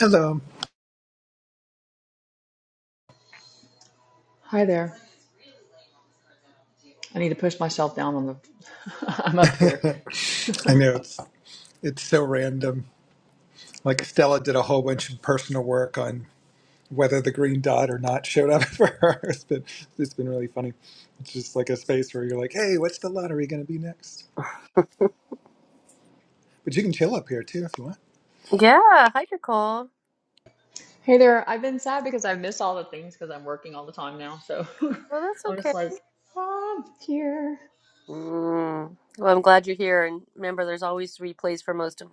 Hello. Hi there. I need to push myself down on the. I'm up here. I know it's it's so random. Like Stella did a whole bunch of personal work on whether the green dot or not showed up for her. It's been it's been really funny. It's just like a space where you're like, hey, what's the lottery going to be next? But you can chill up here too if you want. Yeah, hi Nicole. Hey there. I've been sad because I miss all the things because I'm working all the time now. So Well, that's I'm just okay. like, "Ah, I'm here. Mm. Well, I'm glad you're here, and remember, there's always replays for most of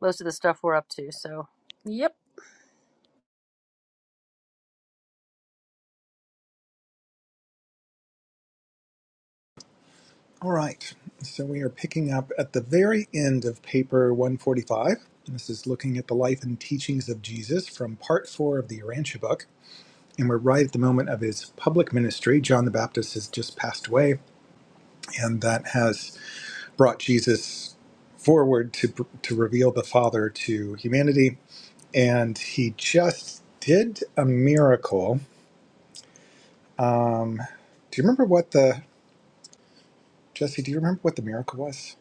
most of the stuff we're up to. So, yep. All right. So we are picking up at the very end of paper 145. This is looking at the life and teachings of Jesus from part four of the Urantia book. And we're right at the moment of his public ministry. John the Baptist has just passed away and that has brought Jesus forward to to reveal the Father to humanity. And he just did a miracle. Um, do you remember what the Jesse? Do you remember what the miracle was?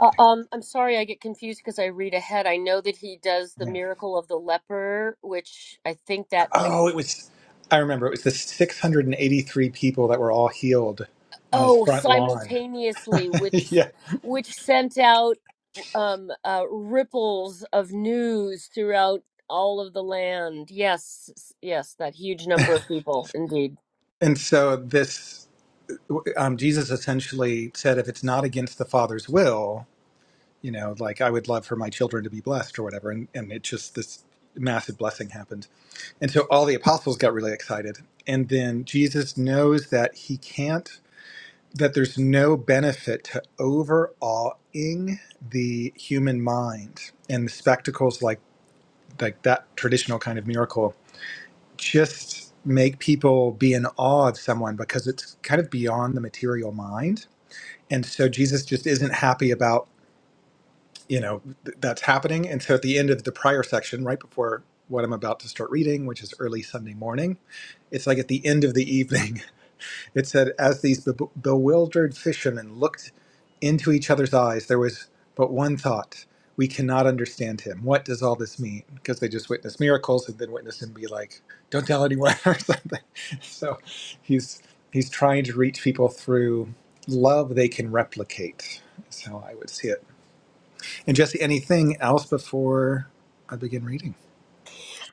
Uh, um, I'm sorry I get confused because I read ahead. I know that he does the Yeah. miracle of the leper, which I think that might Oh, it was. I remember it was the 683 people that were all healed on his oh front lawn. simultaneously, which yeah, which sent out um uh, ripples of news throughout all of the land. Yes, yes, that huge number of people, indeed. and so this um, Jesus essentially said, if it's not against the Father's will. you know, like I would love for my children to be blessed or whatever. And, and it just, this massive blessing happened. And so all the apostles got really excited. And then Jesus knows that he can't, that there's no benefit to overawing the human mind. And the spectacles like, like that traditional kind of miracle just make people be in awe of someone because it's kind of beyond the material mind. And so Jesus just isn't happy about you know th- that's happening and so at the end of the prior section right before what i'm about to start reading which is early sunday morning it's like at the end of the evening it said as these be- bewildered fishermen looked into each other's eyes there was but one thought we cannot understand him what does all this mean because they just witnessed miracles and then witnessed him be like don't tell anyone or something so he's he's trying to reach people through love they can replicate is how i would see it and Jesse, anything else before I begin reading?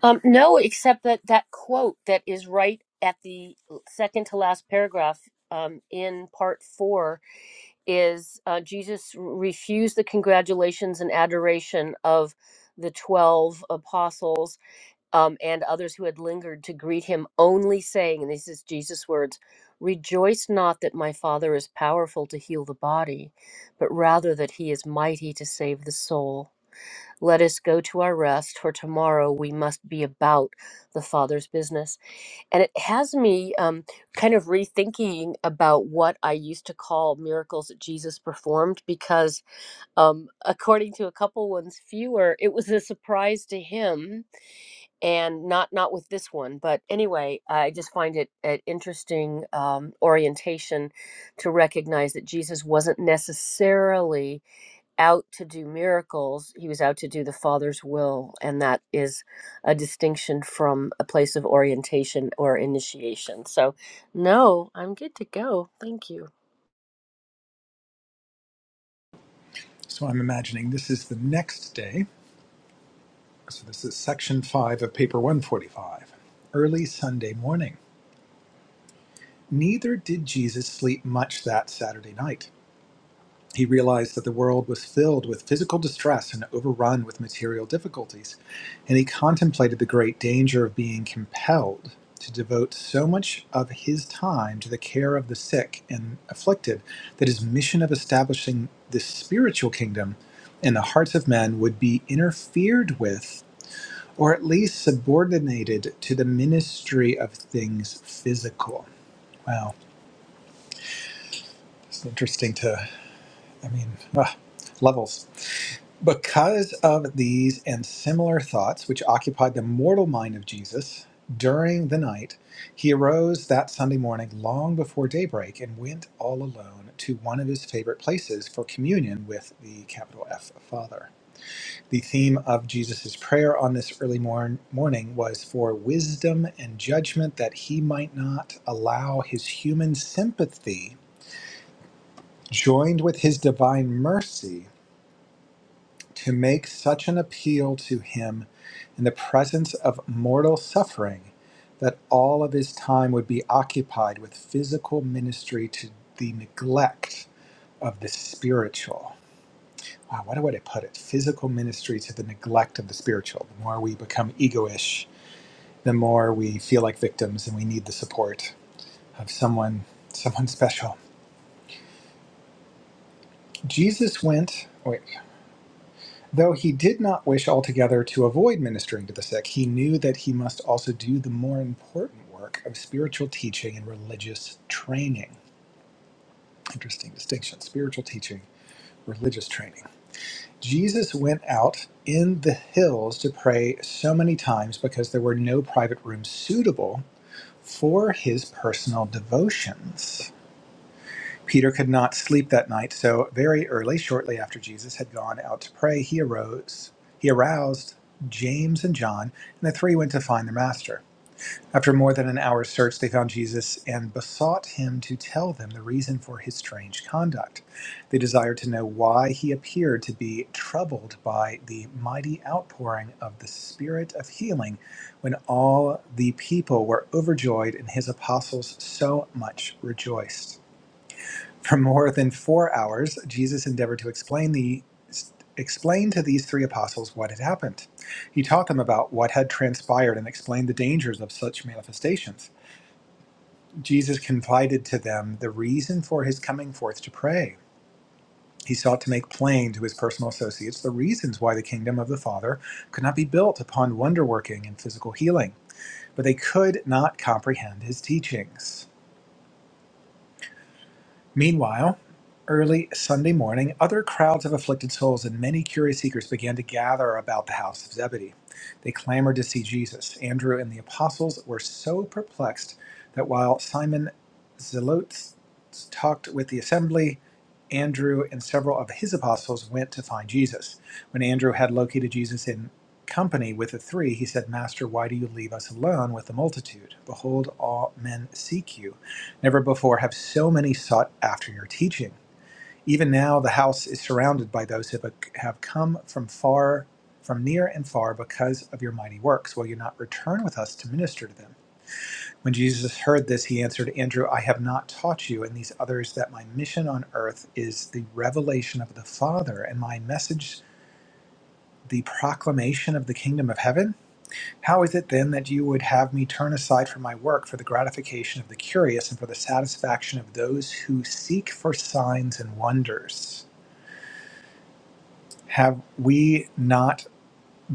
Um, no, except that that quote that is right at the second to last paragraph um, in part four is uh, Jesus refused the congratulations and adoration of the 12 apostles um, and others who had lingered to greet him, only saying, and this is Jesus' words, Rejoice not that my Father is powerful to heal the body, but rather that he is mighty to save the soul. Let us go to our rest, for tomorrow we must be about the Father's business. And it has me um, kind of rethinking about what I used to call miracles that Jesus performed, because um, according to a couple ones fewer, it was a surprise to him, and not not with this one. But anyway, I just find it an interesting um, orientation to recognize that Jesus wasn't necessarily out to do miracles, he was out to do the Father's will. And that is a distinction from a place of orientation or initiation. So, no, I'm good to go. Thank you. So I'm imagining this is the next day. So this is section five of paper 145. Early Sunday morning. Neither did Jesus sleep much that Saturday night. He realized that the world was filled with physical distress and overrun with material difficulties, and he contemplated the great danger of being compelled to devote so much of his time to the care of the sick and afflicted that his mission of establishing this spiritual kingdom in the hearts of men would be interfered with or at least subordinated to the ministry of things physical. Wow, it's interesting to, I mean, ah, levels. Because of these and similar thoughts, which occupied the mortal mind of Jesus during the night, he arose that Sunday morning long before daybreak and went all alone to one of his favorite places for communion with the capital F Father. The theme of Jesus' prayer on this early morn- morning was for wisdom and judgment that he might not allow his human sympathy, joined with his divine mercy, to make such an appeal to him in the presence of mortal suffering that all of his time would be occupied with physical ministry to the neglect of the spiritual. Wow, what would I put it? Physical ministry to the neglect of the spiritual. The more we become egoish, the more we feel like victims and we need the support of someone, someone special. Jesus went. wait. Though he did not wish altogether to avoid ministering to the sick, he knew that he must also do the more important work of spiritual teaching and religious training. Interesting distinction spiritual teaching, religious training. Jesus went out in the hills to pray so many times because there were no private rooms suitable for his personal devotions. Peter could not sleep that night, so very early, shortly after Jesus had gone out to pray, he arose. He aroused James and John, and the three went to find their master. After more than an hour's search, they found Jesus and besought him to tell them the reason for his strange conduct. They desired to know why he appeared to be troubled by the mighty outpouring of the Spirit of healing when all the people were overjoyed and his apostles so much rejoiced. For more than four hours, Jesus endeavored to explain the explain to these three apostles what had happened. He taught them about what had transpired and explained the dangers of such manifestations. Jesus confided to them the reason for his coming forth to pray. He sought to make plain to his personal associates the reasons why the kingdom of the Father could not be built upon wonder working and physical healing, but they could not comprehend his teachings. Meanwhile, early Sunday morning, other crowds of afflicted souls and many curious seekers began to gather about the house of Zebedee. They clamored to see Jesus. Andrew and the apostles were so perplexed that while Simon Zelotes talked with the assembly, Andrew and several of his apostles went to find Jesus. When Andrew had located Jesus in company with the three, he said, Master, why do you leave us alone with the multitude? Behold, all men seek you. Never before have so many sought after your teaching. Even now, the house is surrounded by those who have come from far, from near and far, because of your mighty works. Will you not return with us to minister to them? When Jesus heard this, he answered, Andrew, I have not taught you and these others that my mission on earth is the revelation of the Father and my message the proclamation of the kingdom of heaven. How is it then that you would have me turn aside from my work for the gratification of the curious and for the satisfaction of those who seek for signs and wonders? Have we not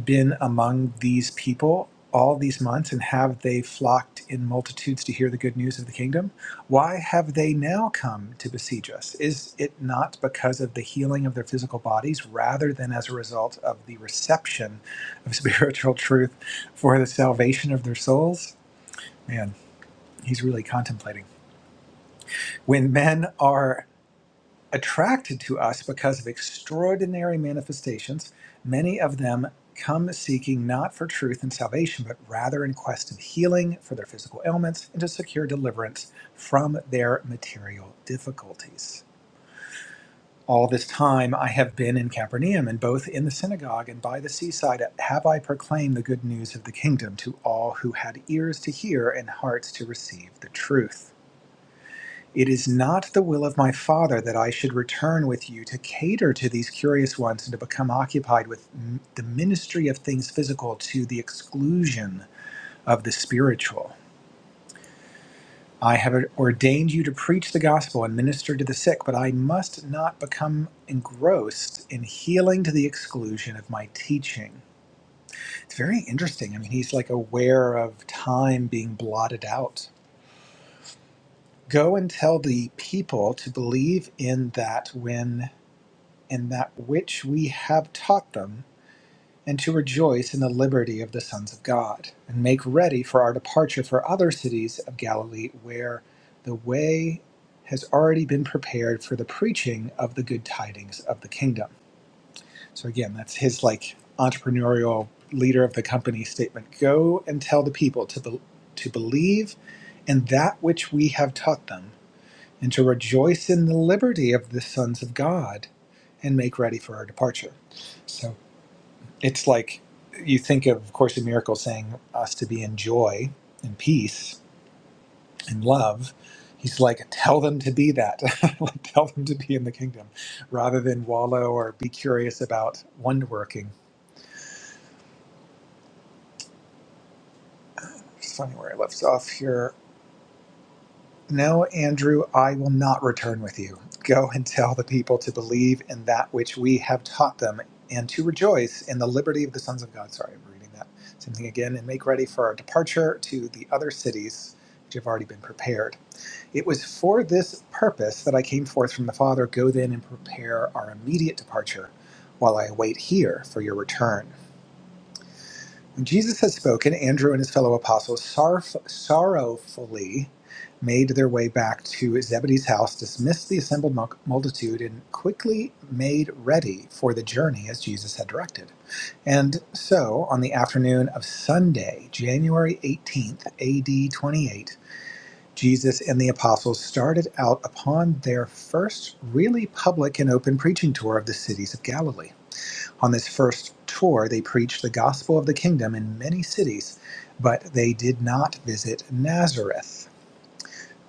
been among these people all these months, and have they flocked in multitudes to hear the good news of the kingdom? Why have they now come to besiege us? Is it not because of the healing of their physical bodies rather than as a result of the reception of spiritual truth for the salvation of their souls? Man, he's really contemplating. When men are attracted to us because of extraordinary manifestations, many of them come seeking not for truth and salvation, but rather in quest of healing for their physical ailments and to secure deliverance from their material difficulties. All this time I have been in Capernaum, and both in the synagogue and by the seaside have I proclaimed the good news of the kingdom to all who had ears to hear and hearts to receive the truth. It is not the will of my Father that I should return with you to cater to these curious ones and to become occupied with m- the ministry of things physical to the exclusion of the spiritual. I have ordained you to preach the gospel and minister to the sick, but I must not become engrossed in healing to the exclusion of my teaching. It's very interesting. I mean, he's like aware of time being blotted out. Go and tell the people to believe in that when in that which we have taught them, and to rejoice in the liberty of the sons of God, and make ready for our departure for other cities of Galilee where the way has already been prepared for the preaching of the good tidings of the kingdom. So again, that's his like entrepreneurial leader of the company statement. Go and tell the people to be- to believe in that which we have taught them and to rejoice in the liberty of the sons of God and make ready for our departure. So it's like you think of, Course in Miracles saying us to be in joy and peace and love. He's like, tell them to be that. like, tell them to be in the kingdom rather than wallow or be curious about wonder working. It's funny where I left off here. No, Andrew, I will not return with you. Go and tell the people to believe in that which we have taught them and to rejoice in the liberty of the sons of God. Sorry, I'm reading that. Same thing again. And make ready for our departure to the other cities which have already been prepared. It was for this purpose that I came forth from the Father. Go then and prepare our immediate departure while I wait here for your return when Jesus had spoken, Andrew and his fellow apostles sorrowf- sorrowfully made their way back to Zebedee's house, dismissed the assembled mul- multitude, and quickly made ready for the journey as Jesus had directed. And so, on the afternoon of Sunday, January 18th, AD 28, Jesus and the apostles started out upon their first really public and open preaching tour of the cities of Galilee. On this first tour, they preached the gospel of the kingdom in many cities, but they did not visit Nazareth.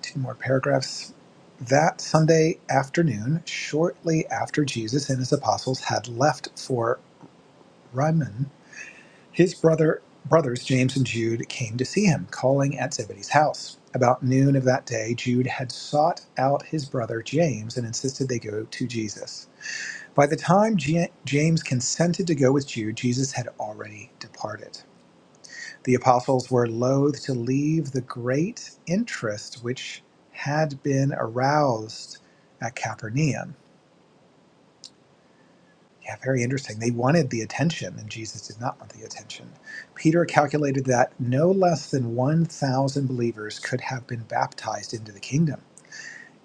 Two more paragraphs. That Sunday afternoon, shortly after Jesus and his apostles had left for Rimmon, his brother brothers James and Jude came to see him, calling at Zebedee's house. About noon of that day, Jude had sought out his brother James and insisted they go to Jesus. By the time Ja- James consented to go with Jude, Jesus had already departed. The apostles were loath to leave the great interest which had been aroused at Capernaum. Yeah, very interesting. They wanted the attention, and Jesus did not want the attention. Peter calculated that no less than 1,000 believers could have been baptized into the kingdom.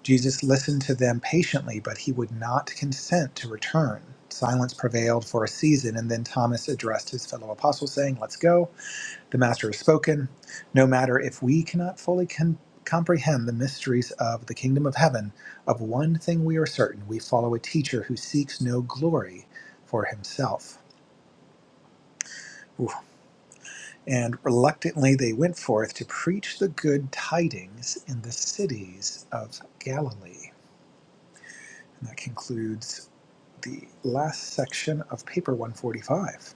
Jesus listened to them patiently, but he would not consent to return. Silence prevailed for a season, and then Thomas addressed his fellow apostles, saying, Let's go. The Master has spoken. No matter if we cannot fully com- comprehend the mysteries of the kingdom of heaven, of one thing we are certain we follow a teacher who seeks no glory for himself. Oof. And reluctantly they went forth to preach the good tidings in the cities of Galilee. And that concludes the last section of paper 145.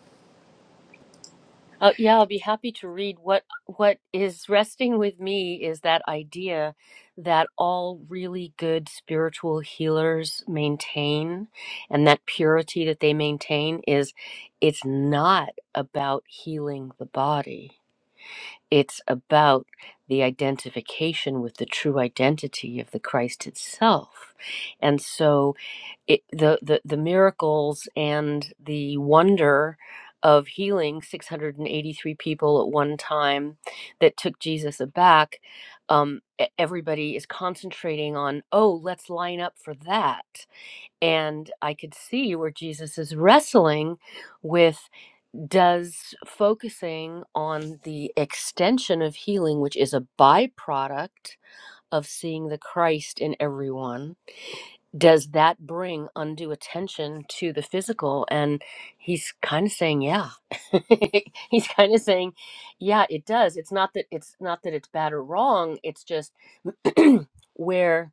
Uh, yeah, I'll be happy to read what what is resting with me is that idea that all really good spiritual healers maintain and that purity that they maintain is it's not about healing the body It's about the identification with the true identity of the Christ itself. And so it, the, the, the miracles and the wonder of healing 683 people at one time that took Jesus aback, um, e- everybody is concentrating on, oh, let's line up for that. And I could see where Jesus is wrestling with does focusing on the extension of healing, which is a byproduct of seeing the Christ in everyone, does that bring undue attention to the physical? And he's kind of saying, yeah. he's kind of saying, yeah, it does. It's not that it's not that it's bad or wrong. It's just where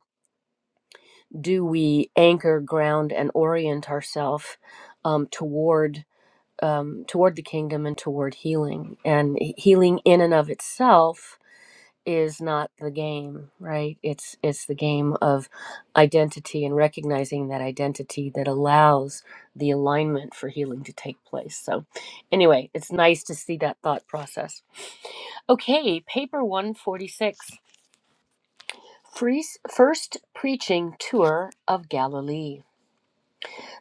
do we anchor, ground, and orient ourselves um, toward um, toward the kingdom and toward healing. And healing in and of itself is not the game, right? It's it's the game of identity and recognizing that identity that allows the alignment for healing to take place. So, anyway, it's nice to see that thought process. Okay, paper 146. Free, first preaching tour of Galilee.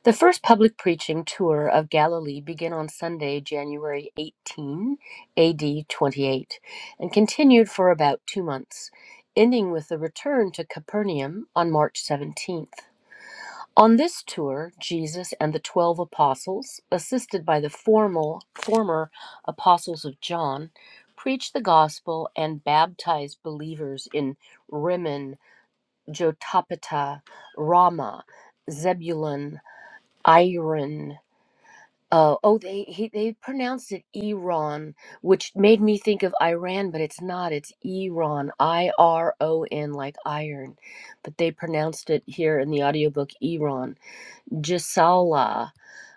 The first public preaching tour of Galilee began on Sunday, January 18, AD 28, and continued for about two months, ending with the return to Capernaum on March 17th. On this tour, Jesus and the twelve apostles, assisted by the formal, former apostles of John, preached the gospel and baptized believers in Rimmon, Jotapata, Ramah, Zebulun, Iron. Uh, oh, they he, they pronounced it Iran, which made me think of Iran, but it's not. It's Iran, I R O N, like iron. But they pronounced it here in the audiobook Iran. Jisala,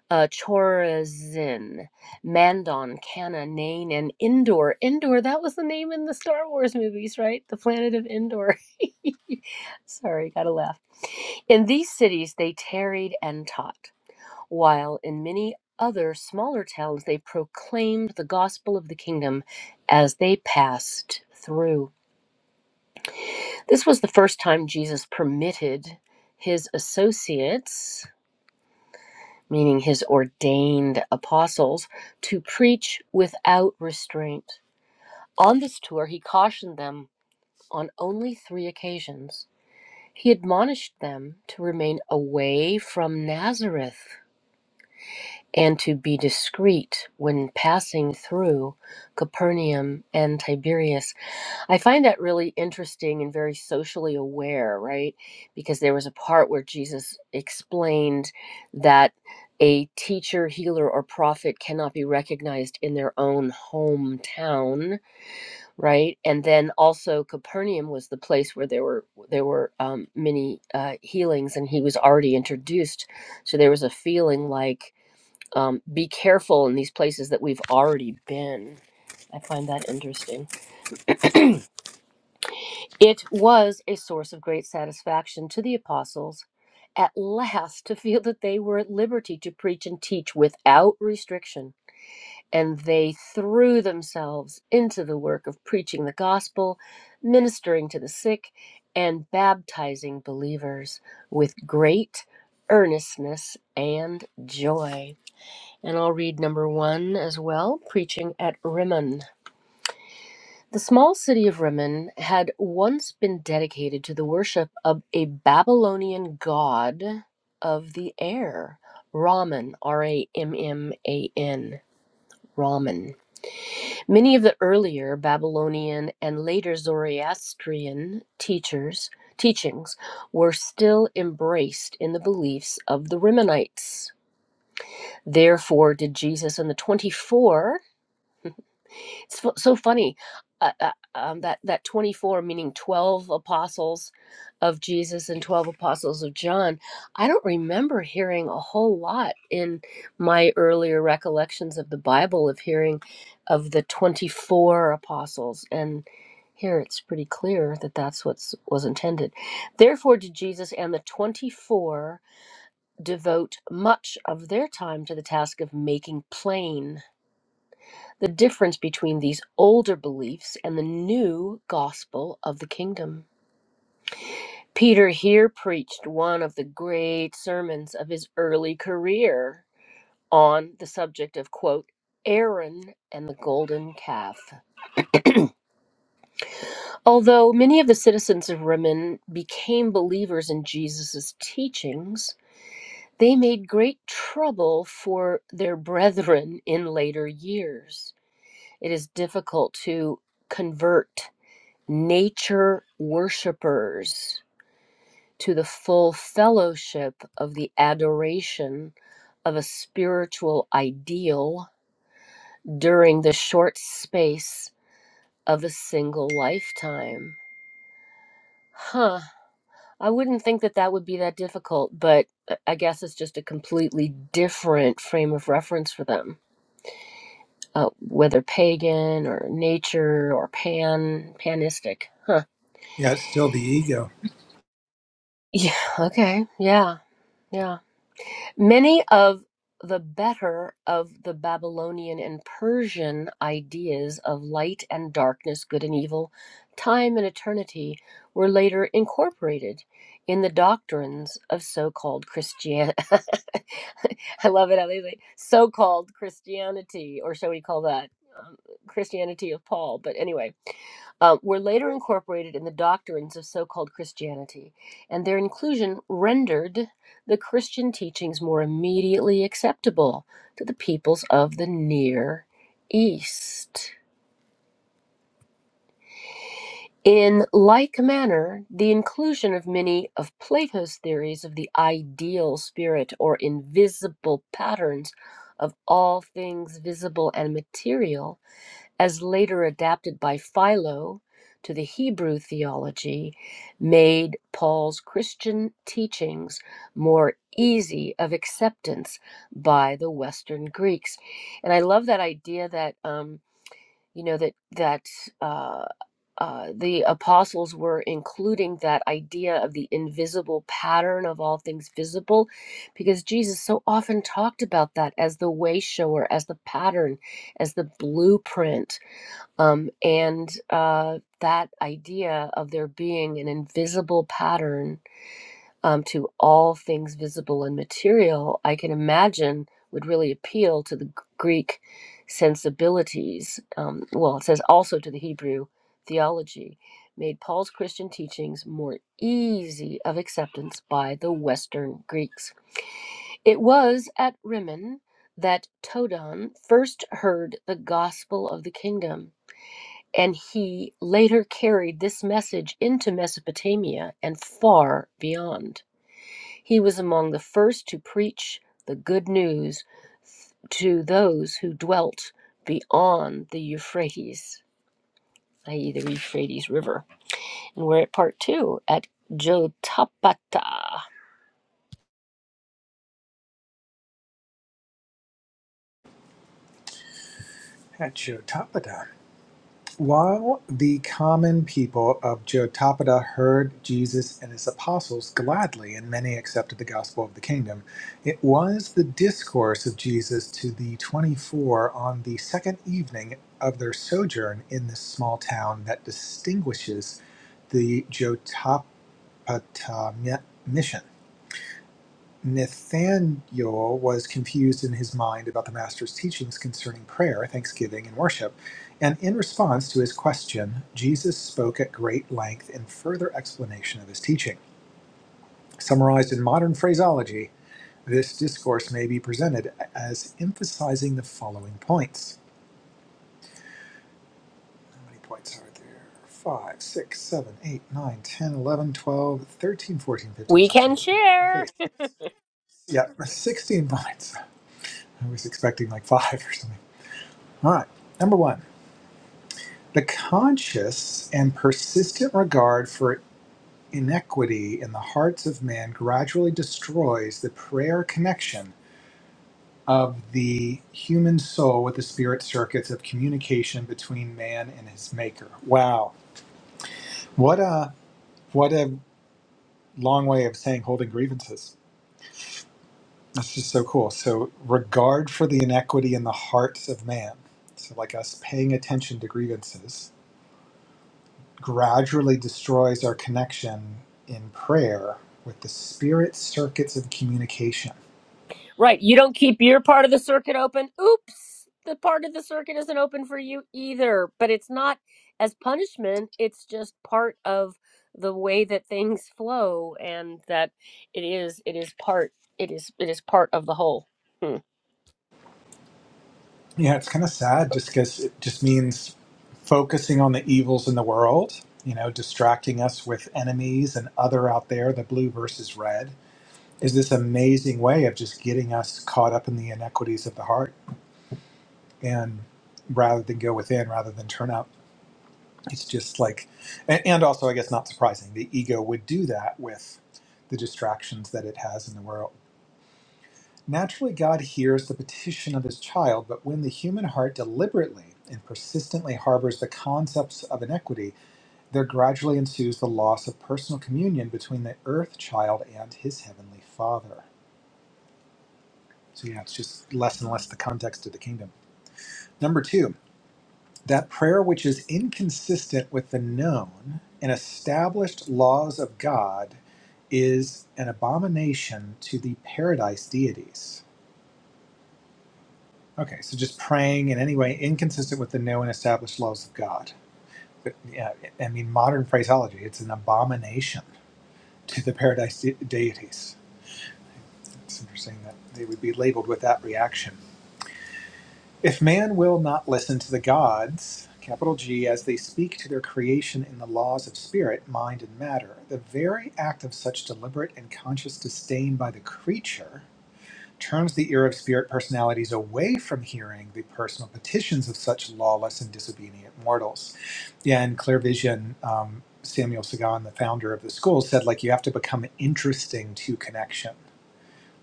uh, Chorazin, Mandon, Kana, Nain, and Endor. Endor, that was the name in the Star Wars movies, right? The planet of Endor. Sorry, gotta laugh. In these cities they tarried and taught while in many other smaller towns they proclaimed the gospel of the kingdom as they passed through. This was the first time Jesus permitted his associates, meaning his ordained apostles, to preach without restraint. On this tour, he cautioned them on only three occasions. He admonished them to remain away from Nazareth and to be discreet when passing through Capernaum and Tiberias. I find that really interesting and very socially aware, right? Because there was a part where Jesus explained that a teacher, healer, or prophet cannot be recognized in their own hometown, right? And then also Capernaum was the place where there were there were um, many uh, healings, and he was already introduced, so there was a feeling like um, be careful in these places that we've already been. I find that interesting. It was a source of great satisfaction to the apostles at last to feel that they were at liberty to preach and teach without restriction. And they threw themselves into the work of preaching the gospel, ministering to the sick, and baptizing believers with great earnestness and joy. And I'll read number one as well Preaching at Rimmon. The small city of Rimmon had once been dedicated to the worship of a Babylonian god of the air, Raman, R A M M A N, Raman. Many of the earlier Babylonian and later Zoroastrian teachers. Teachings were still embraced in the beliefs of the Rimmonites. Therefore, did Jesus and the 24 It's fu- so funny uh, uh, um, that that 24 meaning 12 apostles of Jesus and 12 apostles of John. I don't remember hearing a whole lot in my earlier recollections of the Bible of hearing of the 24 apostles and here it's pretty clear that that's what was intended. Therefore did Jesus and the 24 devote much of their time to the task of making plain the difference between these older beliefs and the new gospel of the kingdom. Peter here preached one of the great sermons of his early career on the subject of, quote, Aaron and the golden calf. Although many of the citizens of Rimmon became believers in Jesus' teachings, they made great trouble for their brethren in later years. It is difficult to convert nature worshippers to the full fellowship of the adoration of a spiritual ideal during the short space of a single lifetime. Huh. I wouldn't think that that would be that difficult, but uh, I guess it's just a completely different frame of reference for them, uh, whether pagan or nature or pan panistic. Huh. Yeah, it's still the ego Yeah. Okay. Yeah. Yeah. Many of the better of the Babylonian and Persian ideas of light and darkness, good and evil, time and eternity were later incorporated in the doctrines of so-called Christian I love it how they say so-called Christianity or shall we call that um, Christianity of Paul, but anyway, uh, were later incorporated in the doctrines of so called Christianity, and their inclusion rendered the Christian teachings more immediately acceptable to the peoples of the Near East. In like manner, the inclusion of many of Plato's theories of the ideal spirit or invisible patterns of all things visible and material as later adapted by Philo to the Hebrew theology, made Paul's Christian teachings more easy of acceptance by the Western Greeks. And I love that idea that, um, you know, that, that, uh, uh, the apostles were including that idea of the invisible pattern of all things visible because Jesus so often talked about that as the way shower, as the pattern, as the blueprint um, and uh, that idea of there being an invisible pattern um, to all things visible and material, I can imagine would really appeal to the G- Greek sensibilities. Um, well, it says also to the Hebrew theology, made Paul's Christian teachings more easy of acceptance by the Western Greeks. It was at Rimmon that Todon first heard the gospel of the kingdom and he later carried this message into Mesopotamia and far beyond. He was among the first to preach the good news to those who dwelt beyond the Euphrates, i.e., the Euphrates River. And we're at part two at Jotapata. at Jotapada. While the common people of Jotapada heard Jesus and his apostles gladly, and many accepted the gospel of the kingdom, it was the discourse of Jesus to the 24 on the second evening of their sojourn in this small town that distinguishes the Jotapata mi- mission. Nathaniel was confused in his mind about the Master's teachings concerning prayer, thanksgiving, and worship, and in response to his question, Jesus spoke at great length in further explanation of his teaching. Summarized in modern phraseology, this discourse may be presented as emphasizing the following points. How many points are there? 5, 6, 7, 8, 9, 10, 11, 12, 13, 14, 15, We 16. can Okay, share. yeah, 16 points. I was expecting like five or something. All right. Number one, the conscious and persistent regard for inequity in the hearts of man gradually destroys the prayer connection of the human soul with the spirit circuits of communication between man and his maker. Wow. What a what a long way of saying holding grievances. That's just so cool. So regard for the inequity in the hearts of man. So like us paying attention to grievances gradually destroys our connection in prayer with the spirit circuits of communication. Right. You don't keep your part of the circuit open. Oops. The part of the circuit isn't open for you either. But it's not as punishment, it's just part of the way that things flow and that it is it is part it is it is part of the whole. Hmm. Yeah, it's kind of sad just because it just means focusing on the evils in the world, you know, distracting us with enemies and other out there, the blue versus red, is this amazing way of just getting us caught up in the inequities of the heart and rather than go within, rather than turn out. it's just like and, and also i guess not surprising the ego would do that with the distractions that it has in the world naturally god hears the petition of his child but when the human heart deliberately and persistently harbors the concepts of inequity there gradually ensues the loss of personal communion between the earth child and his heavenly father so yeah it's just less and less the context of the kingdom number two that prayer which is inconsistent with the known and established laws of God is an abomination to the paradise deities. Okay, so just praying in any way inconsistent with the known and established laws of God. But, yeah, I mean, modern phraseology, it's an abomination to the paradise de- deities. It's interesting that they would be labeled with that reaction. If man will not listen to the gods, capital G, as they speak to their creation in the laws of spirit, mind, and matter, the very act of such deliberate and conscious disdain by the creature turns the ear of spirit personalities away from hearing the personal petitions of such lawless and disobedient mortals. Yeah, in Clear Vision, um, Samuel Sagan, the founder of the school, said, like, you have to become interesting to connection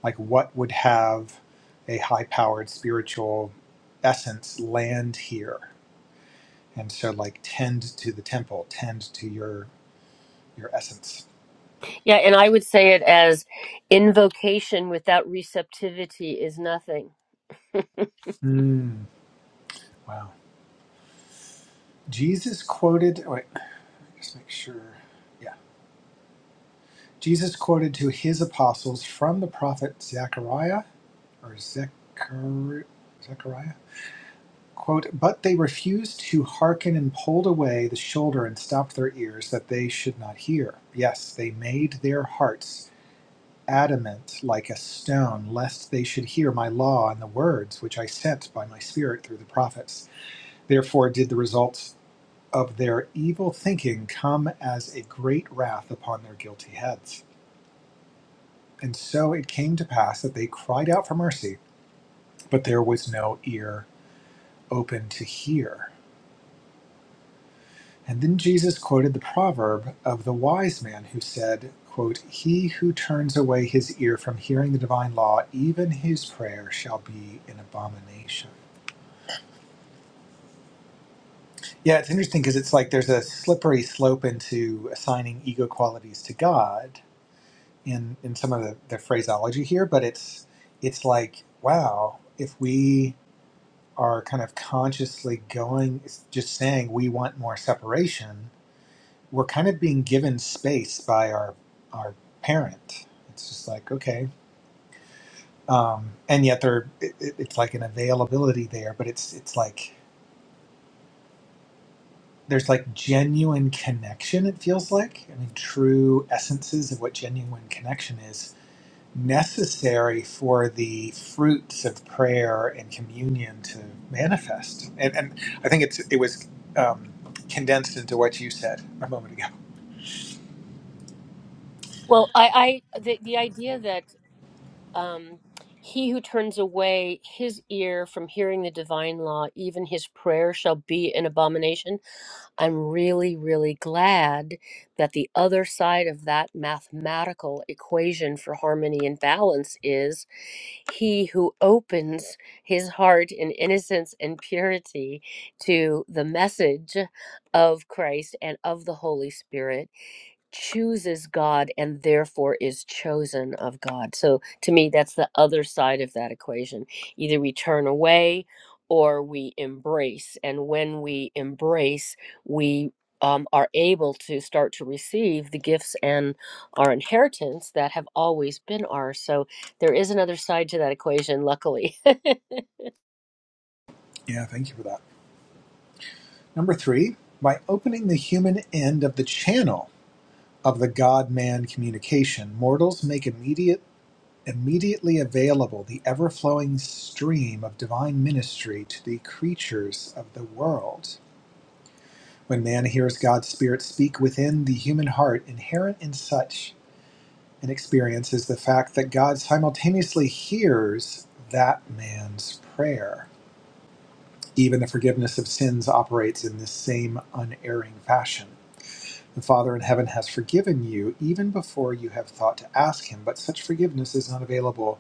like, what would have a high powered spiritual essence land here? And so, like, tend to the temple, tend to your your essence. Yeah, and I would say it as invocation without receptivity is nothing. Mm, wow. Jesus quoted. oh, Wait, let me just make sure. Yeah, Jesus quoted to his apostles from the prophet Zechariah or Zechari- Zechariah. Quote, but they refused to hearken and pulled away the shoulder and stopped their ears that they should not hear. Yes, they made their hearts adamant like a stone, lest they should hear my law and the words which I sent by my Spirit through the prophets. Therefore did the results of their evil thinking come as a great wrath upon their guilty heads. And so it came to pass that they cried out for mercy, but there was no ear open to hear. And then Jesus quoted the proverb of the wise man who said, quote, He who turns away his ear from hearing the divine law, even his prayer shall be an abomination. Yeah, it's interesting because it's like there's a slippery slope into assigning ego qualities to God in in some of the, the phraseology here, but it's it's like wow, if we are kind of consciously going it's just saying we want more separation, we're kind of being given space by our our parent. It's just like okay, um, and yet there it, it- it's like an availability there, but it's it's like. there's like genuine connection it feels like i mean true essences of what genuine connection is necessary for the fruits of prayer and communion to manifest and, and i think it's it was um, condensed into what you said a moment ago Well, I, I the, the idea that um, he who turns away his ear from hearing the divine law, even his prayer shall be an abomination. I'm really, really glad that the other side of that mathematical equation for harmony and balance is he who opens his heart in innocence and purity to the message of Christ and of the Holy Spirit chooses God and therefore is chosen of God. So to me, that's the other side of that equation. Either we turn away or we embrace. And when we embrace, we um, are able to start to receive the gifts and our inheritance that have always been ours. So there is another side to that equation, luckily. yeah thank you for that number three by opening the human end of the channel of the god-man communication mortals make immediate Immediately available the ever-flowing stream of divine ministry to the creatures of the world. When man hears God's Spirit speak within the human heart, inherent in such an experience is the fact that God simultaneously hears that man's prayer. Even the forgiveness of sins operates in this same unerring fashion. The Father in heaven has forgiven you even before you have thought to ask Him, but such forgiveness is not available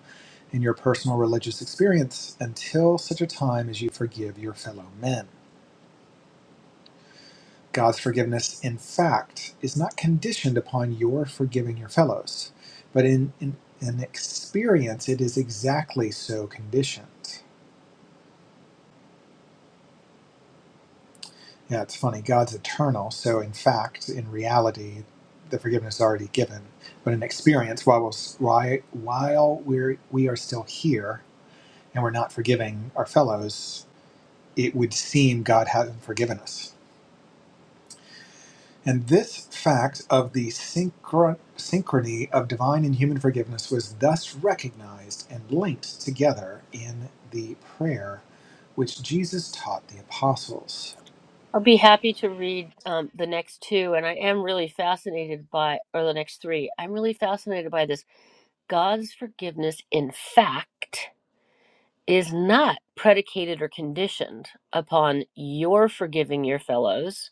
in your personal religious experience until such a time as you forgive your fellow men. God's forgiveness, in fact, is not conditioned upon your forgiving your fellows, but in, in an experience, it is exactly so conditioned. Yeah, it's funny. God's eternal, so in fact, in reality, the forgiveness is already given. But in experience, while we're, why- while we're we are still here and we're not forgiving our fellows, it would seem God hasn't forgiven us. And this fact of the synchro- synchrony of divine and human forgiveness was thus recognized and linked together in the prayer which Jesus taught the apostles. I'll be happy to read um, the next two, and I am really fascinated by, or the next three. I'm really fascinated by this God's forgiveness, in fact, is not predicated or conditioned upon your forgiving your fellows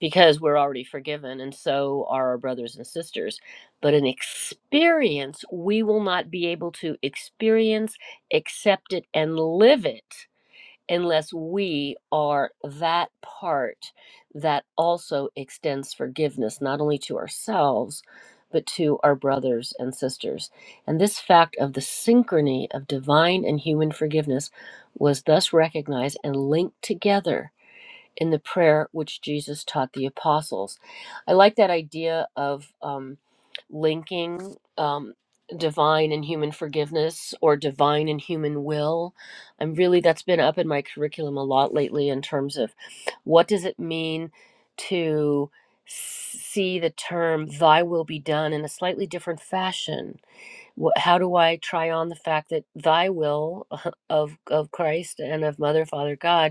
because we're already forgiven and so are our brothers and sisters, but an experience we will not be able to experience, accept it, and live it unless we are that part that also extends forgiveness, not only to ourselves, but to our brothers and sisters. And this fact of the synchrony of divine and human forgiveness was thus recognized and linked together in the prayer which Jesus taught the apostles. I like that idea of um, linking um, divine and human forgiveness or divine and human will. I'm really, that's been up in my curriculum a lot lately in terms of what does it mean to see the term thy will be done in a slightly different fashion Wh- how do i try on the fact that thy will of of christ and of mother father god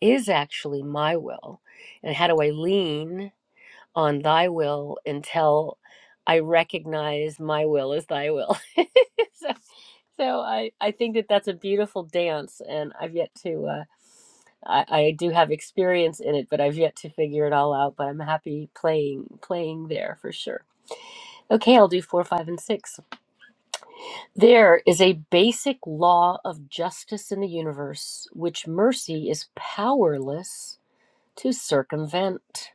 is actually my will? And how do I lean on thy will until I recognize my will as thy will? so so I, I think that that's a beautiful dance. And I've yet to, uh, I, I do have experience in it, but I've yet to figure it all out. But I'm happy playing, playing there for sure. Okay, I'll do four, five, and six. There is a basic law of justice in the universe, which mercy is powerless to circumvent.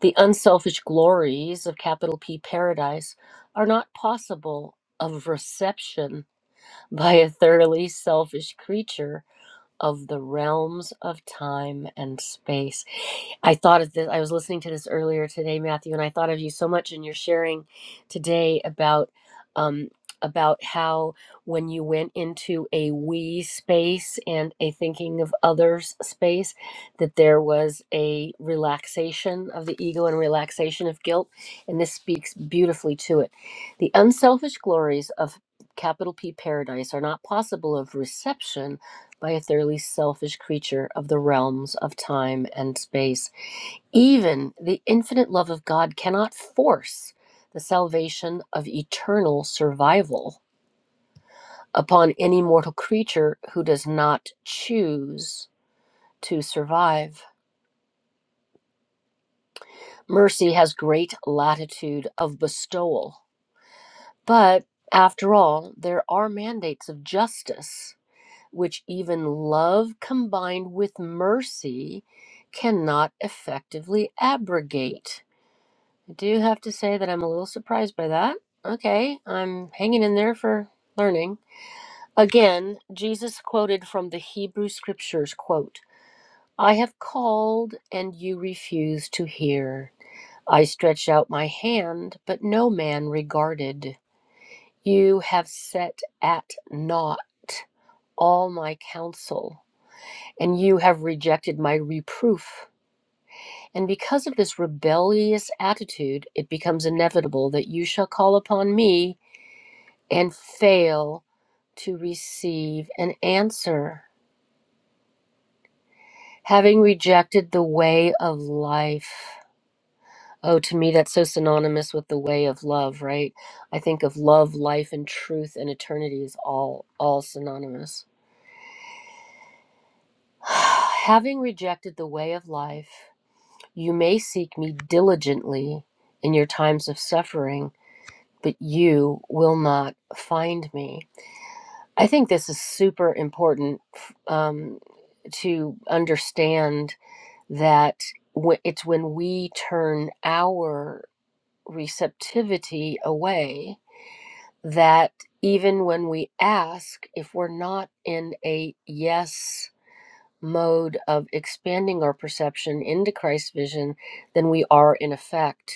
The unselfish glories of capital P paradise are not possible of reception by a thoroughly selfish creature of the realms of time and space. I thought of this, I was listening to this earlier today, Matthew, and I thought of you so much in your sharing today about um, about how when you went into a we space and a thinking of others space, that there was a relaxation of the ego and relaxation of guilt. And this speaks beautifully to it. The unselfish glories of capital P paradise are not possible of reception by a thoroughly selfish creature of the realms of time and space. Even the infinite love of God cannot force the salvation of eternal survival upon any mortal creature who does not choose to survive. Mercy has great latitude of bestowal, but after all, there are mandates of justice which even love combined with mercy cannot effectively abrogate. I do have to say that I'm a little surprised by that. Okay, I'm hanging in there for learning. Again, Jesus quoted from the Hebrew scriptures, quote, I have called and you refuse to hear. I stretched out my hand, but no man regarded. You have set at naught all my counsel and you have rejected my reproof. And because of this rebellious attitude, it becomes inevitable that you shall call upon me and fail to receive an answer, having rejected the way of life. Oh, to me, that's so synonymous with the way of love, right? I think of love, life, and truth and eternity is all all synonymous. having rejected the way of life You may seek me diligently in your times of suffering, but you will not find me. I think this is super important um, to understand that wh- it's when we turn our receptivity away that even when we ask, if we're not in a yes mode of expanding our perception into Christ's vision, then we are in effect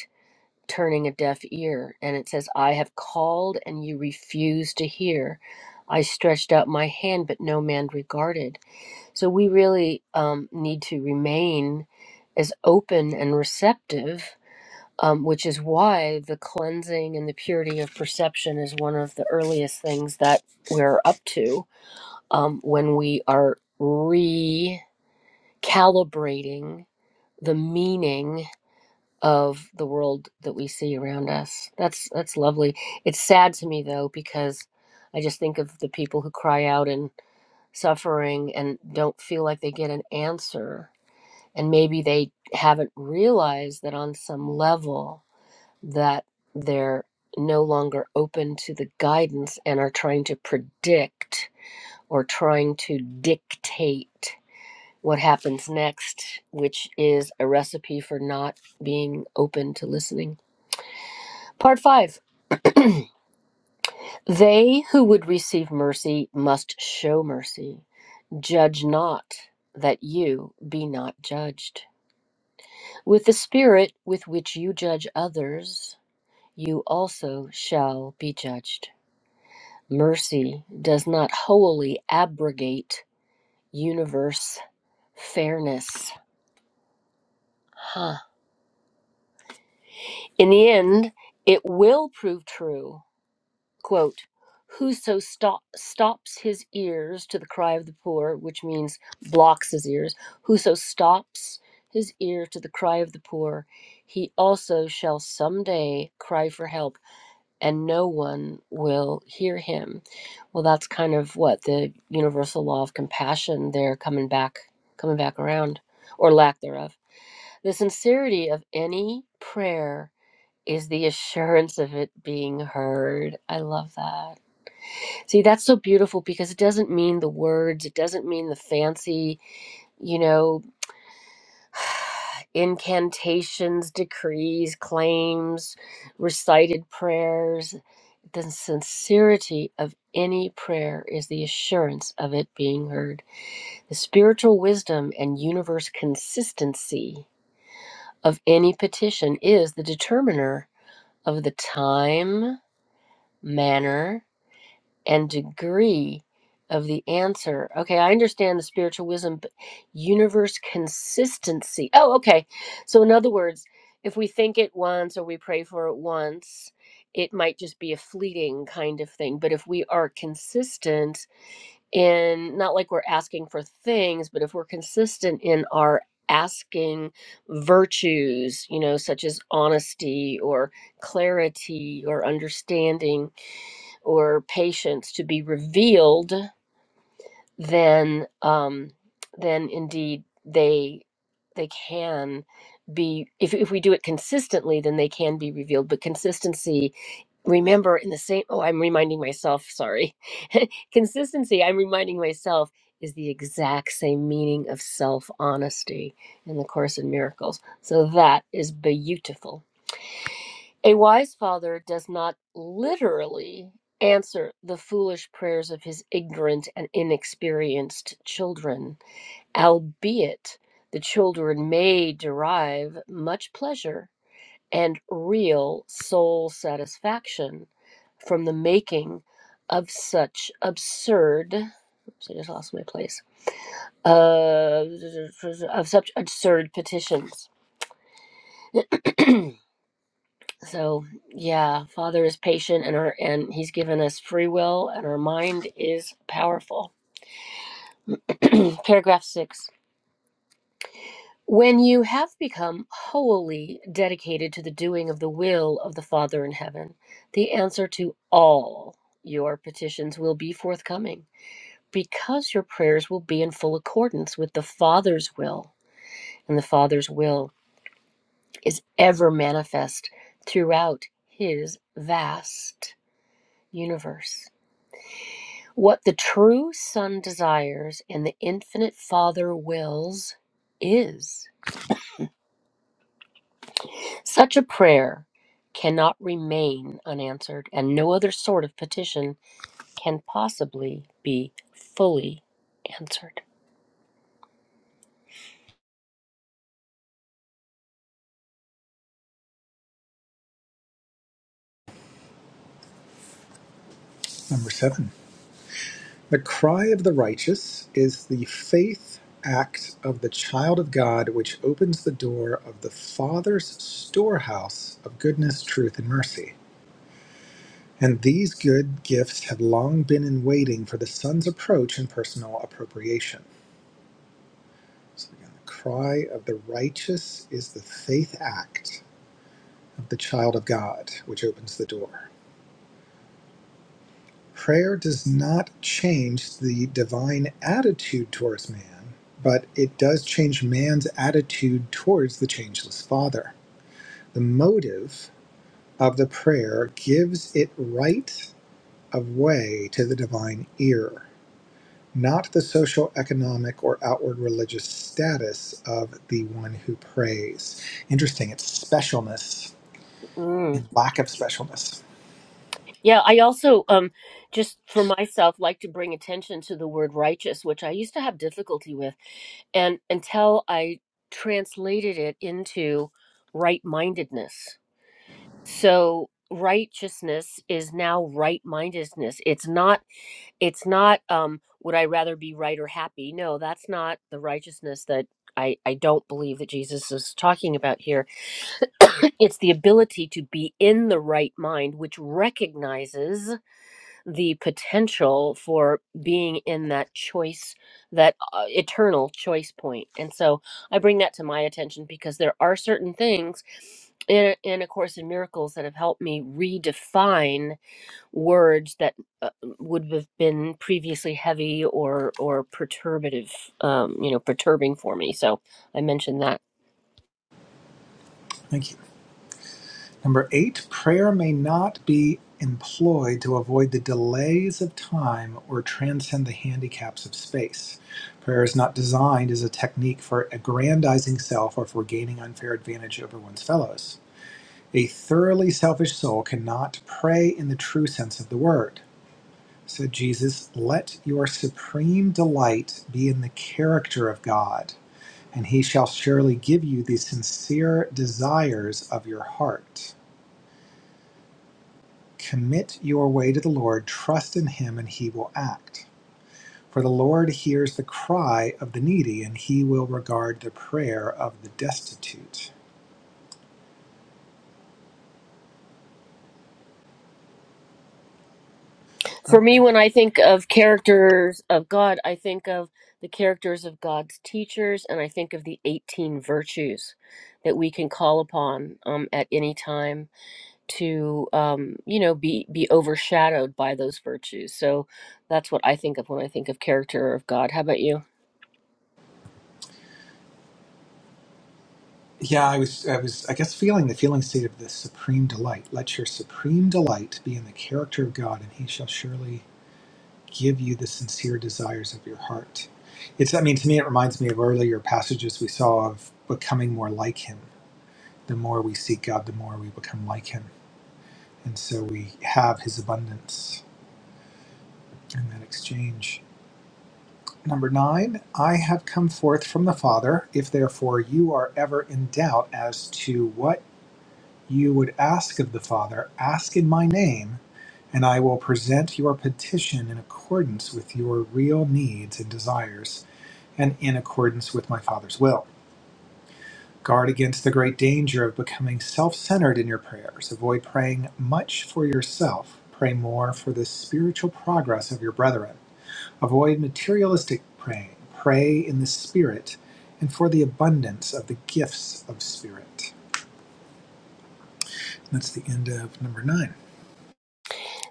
turning a deaf ear. And it says, I have called and you refused to hear. I stretched out my hand, but no man regarded. So we really um, need to remain as open and receptive, um, which is why the cleansing and the purity of perception is one of the earliest things that we're up to um, when we are recalibrating the meaning of the world that we see around us. That's that's lovely. It's sad to me though because I just think of the people who cry out in suffering and don't feel like they get an answer and maybe they haven't realized that on some level that they're no longer open to the guidance and are trying to predict or trying to dictate what happens next, which is a recipe for not being open to listening. Part five They who would receive mercy must show mercy. Judge not, that you be not judged. With the spirit with which you judge others, you also shall be judged. Mercy does not wholly abrogate universe fairness. Huh. In the end, it will prove true quote, Whoso stop, stops his ears to the cry of the poor, which means blocks his ears, whoso stops his ear to the cry of the poor, he also shall someday cry for help, and no one will hear him. Well, that's kind of what the universal law of compassion there coming back, coming back around, or lack thereof. The sincerity of any prayer is the assurance of it being heard. I love that. See, that's so beautiful because it doesn't mean the words, it doesn't mean the fancy, you know, incantations, decrees, claims, recited prayers. The sincerity of any prayer is the assurance of it being heard. The spiritual wisdom and universe consistency of any petition is the determiner of the time, manner, and degree of the answer. Okay, I understand the spiritual wisdom, but universe consistency. Oh, okay. So, in other words, if we think it once or we pray for it once, it might just be a fleeting kind of thing. But if we are consistent in, not like we're asking for things, but if we're consistent in our asking virtues, you know, such as honesty or clarity or understanding, or patience to be revealed, then um, then indeed they they can be if, if we do it consistently then they can be revealed but consistency remember in the same oh i'm reminding myself sorry consistency i'm reminding myself is the exact same meaning of self honesty in the course in miracles so that is beautiful a wise father does not literally answer the foolish prayers of his ignorant and inexperienced children, albeit the children may derive much pleasure and real soul satisfaction from the making of such absurd. Oops, I just lost my place. Uh, of such absurd petitions. So yeah, Father is patient and our and he's given us free will and our mind is powerful. Paragraph 6. When you have become wholly dedicated to the doing of the will of the Father in heaven, the answer to all your petitions will be forthcoming because your prayers will be in full accordance with the Father's will. And the Father's will is ever manifest throughout his vast universe. What the true Son desires and the infinite Father wills is. Such a prayer cannot remain unanswered, and no other sort of petition can possibly be fully answered. Number seven. The cry of the righteous is the faith act of the child of God, which opens the door of the Father's storehouse of goodness, truth, and mercy. And these good gifts have long been in waiting for the Son's approach and personal appropriation. So again, the cry of the righteous is the faith act of the child of God, which opens the door. Prayer does not change the divine attitude towards man, but it does change man's attitude towards the changeless Father. The motive of the prayer gives it right of way to the divine ear, not the social, economic, or outward religious status of the one who prays. Interesting, it's specialness Mm. and lack of specialness. Yeah, I also um just for myself like to bring attention to the word righteous, which I used to have difficulty with, and until I translated it into right-mindedness so righteousness is now right mindedness it's not it's not um would i rather be right or happy no that's not the righteousness that i i don't believe that jesus is talking about here it's the ability to be in the right mind which recognizes the potential for being in that choice, that uh, eternal choice point. And so I bring that to my attention because there are certain things in, in A Course in Miracles that have helped me redefine words that uh, would have been previously heavy or or perturbative, um, you know, perturbing for me. So I mentioned that. Thank you. Number Eight, prayer may not be employed to avoid the delays of time or transcend the handicaps of space. Prayer is not designed as a technique for aggrandizing self or for gaining unfair advantage over one's fellows. A thoroughly selfish soul cannot pray in the true sense of the word. Said Jesus, Let your supreme delight be in the character of God, and he shall surely give you the sincere desires of your heart. Commit your way to the Lord, trust in Him, and He will act. For the Lord hears the cry of the needy, and He will regard the prayer of the destitute. For me, when I think of characters of God, I think of the characters of God's teachers, and I think of the 18 virtues that we can call upon um, at any time to, um, you know, be be overshadowed by those virtues. So that's what I think of when I think of character of God. How about you? Yeah, I was, I was, I guess, feeling the feeling state of the supreme delight. Let your supreme delight be in the character of God, and He shall surely give you the sincere desires of your heart. It's, I mean, to me, it reminds me of earlier passages we saw of becoming more like Him. The more we seek God, the more we become like Him, and so we have His abundance in that exchange. Number nine, I have come forth from the Father. If therefore you are ever in doubt as to what you would ask of the Father, ask in my name, and I will present your petition in accordance with your real needs and desires, and in accordance with my Father's will. Guard against the great danger of becoming self centered in your prayers. Avoid praying much for yourself. Pray more for the spiritual progress of your brethren Avoid materialistic praying. Pray in the Spirit and for the abundance of the gifts of Spirit. That's the end of number 9.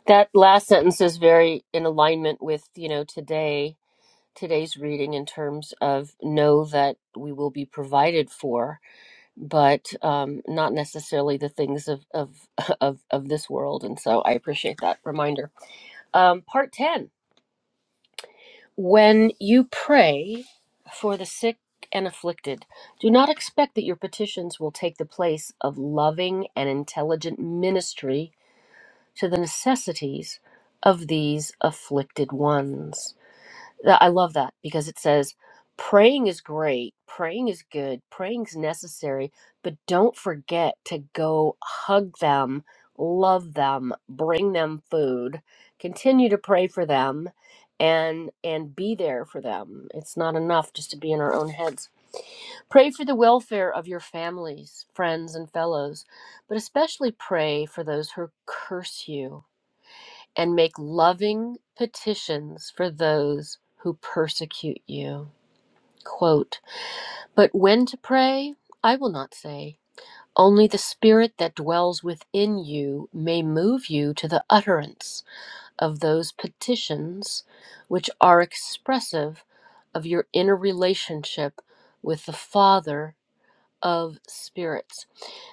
That last sentence is very in alignment with, you know, today today's reading in terms of know that we will be provided for but um, not necessarily the things of, of of of this world. And so I appreciate that reminder. Um, part ten: When you pray for the sick and afflicted, do not expect that your petitions will take the place of loving and intelligent ministry to the necessities of these afflicted ones. That- I love that because it says praying is great, praying is good, praying's necessary, but don't forget to go hug them, love them, bring them food, continue to pray for them and and be there for them. It's not enough just to be in our own heads. Pray for the welfare of your families, friends and fellows, but especially pray for those who curse you and make loving petitions for those who persecute you. Quote, but when to pray, I will not say. Only the Spirit that dwells within you may move you to the utterance of those petitions which are expressive of your inner relationship with the Father of spirits.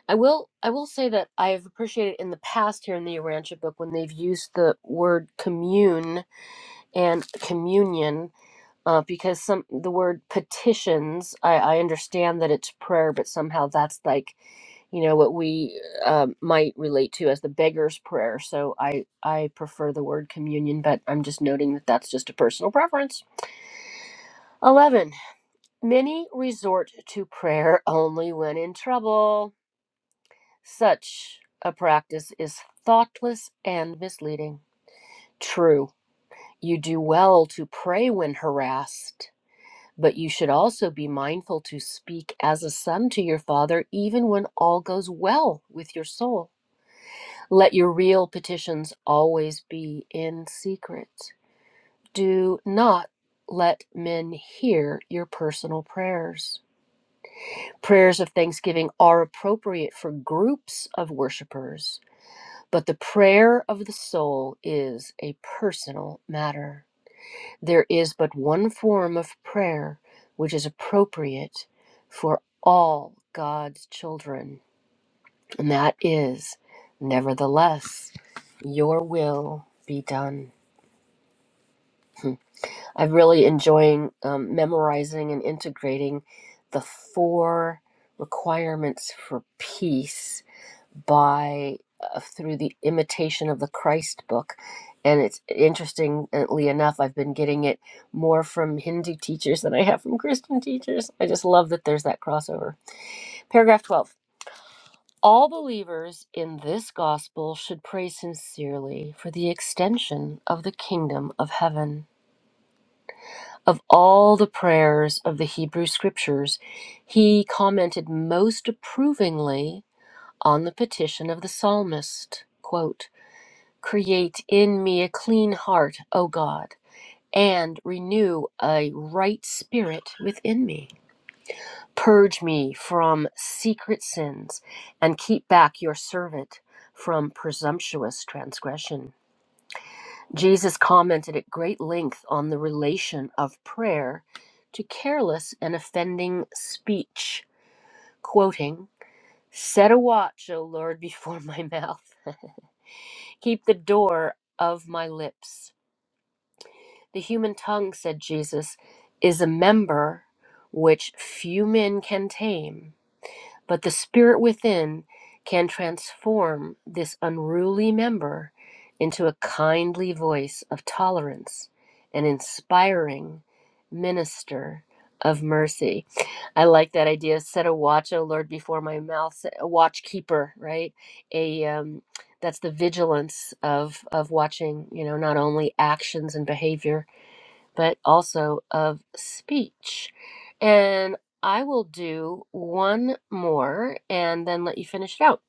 I will I will say that I have appreciated in the past here in the Urantia book when they've used the word commune and communion uh, because some the word petitions I, I understand that it's prayer but somehow that's like you know what we um might relate to as the beggar's prayer so i i prefer the word communion but i'm just noting that that's just a personal preference 11 many resort to prayer only when in trouble such a practice is thoughtless and misleading true you do well to pray when harassed But you should also be mindful to speak as a son to your father, even when all goes well with your soul. Let your real petitions always be in secret. Do not let men hear your personal prayers. Prayers of thanksgiving are appropriate for groups of worshipers, but the prayer of the soul is a personal matter. There is but one form of prayer which is appropriate for all God's children, and that is, nevertheless, your will be done. I'm really enjoying um, memorizing and integrating the four requirements for peace by uh, through the imitation of the christ book and it's interestingly enough i've been getting it more from hindu teachers than i have from christian teachers i just love that there's that crossover paragraph 12 all believers in this gospel should pray sincerely for the extension of the kingdom of heaven. Of all the prayers of the Hebrew scriptures, he commented most approvingly on the petition of the psalmist. Quote, Create in me a clean heart, O God, and renew a right spirit within me. Purge me from secret sins and keep back your servant from presumptuous transgression. Jesus commented at great length on the relation of prayer to careless and offending speech, quoting, Set a watch, O Lord, before my mouth. Keep the door of my lips The human tongue, said Jesus, is a member which few men can tame, but the spirit within can transform this unruly member into a kindly voice of tolerance, an inspiring minister of mercy. I like that idea. Set a watch, O Lord, before my mouth. A watch keeper, right? A um, that's the vigilance of of watching. You know, not only actions and behavior, but also of speech. And I will do one more and then let you finish it out.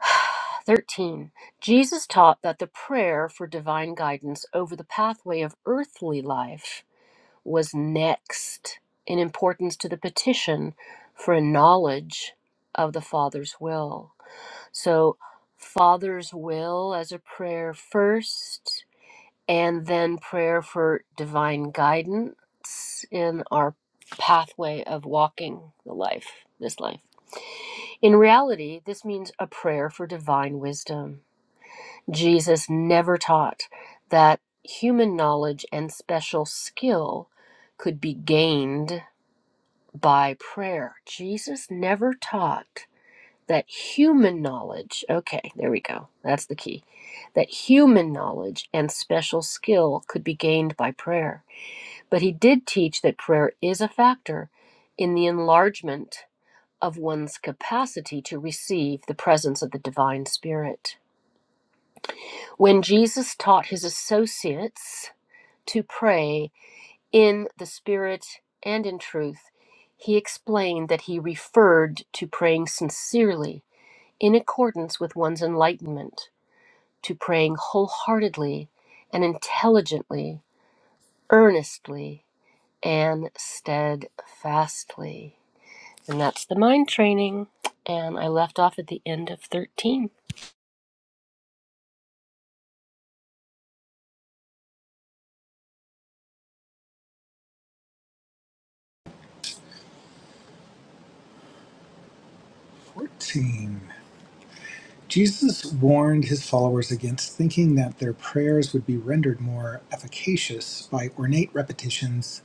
13. Jesus taught that the prayer for divine guidance over the pathway of earthly life was next in importance to the petition for a knowledge of the Father's will. So, Father's will as a prayer first, and then prayer for divine guidance in our pathway of walking the life, this life. In reality, this means a prayer for divine wisdom. Jesus never taught that human knowledge and special skill could be gained by prayer. Jesus never taught that human knowledge, okay, there we go, that's the key, that human knowledge and special skill could be gained by prayer. But he did teach that prayer is a factor in the enlargement of one's capacity to receive the presence of the divine spirit. When Jesus taught his associates to pray in the spirit and in truth, he explained that he referred to praying sincerely in accordance with one's enlightenment, to praying wholeheartedly and intelligently, earnestly, and steadfastly. And that's the mind training. And I left off at the end of 13. 14. Jesus warned his followers against thinking that their prayers would be rendered more efficacious by ornate repetitions,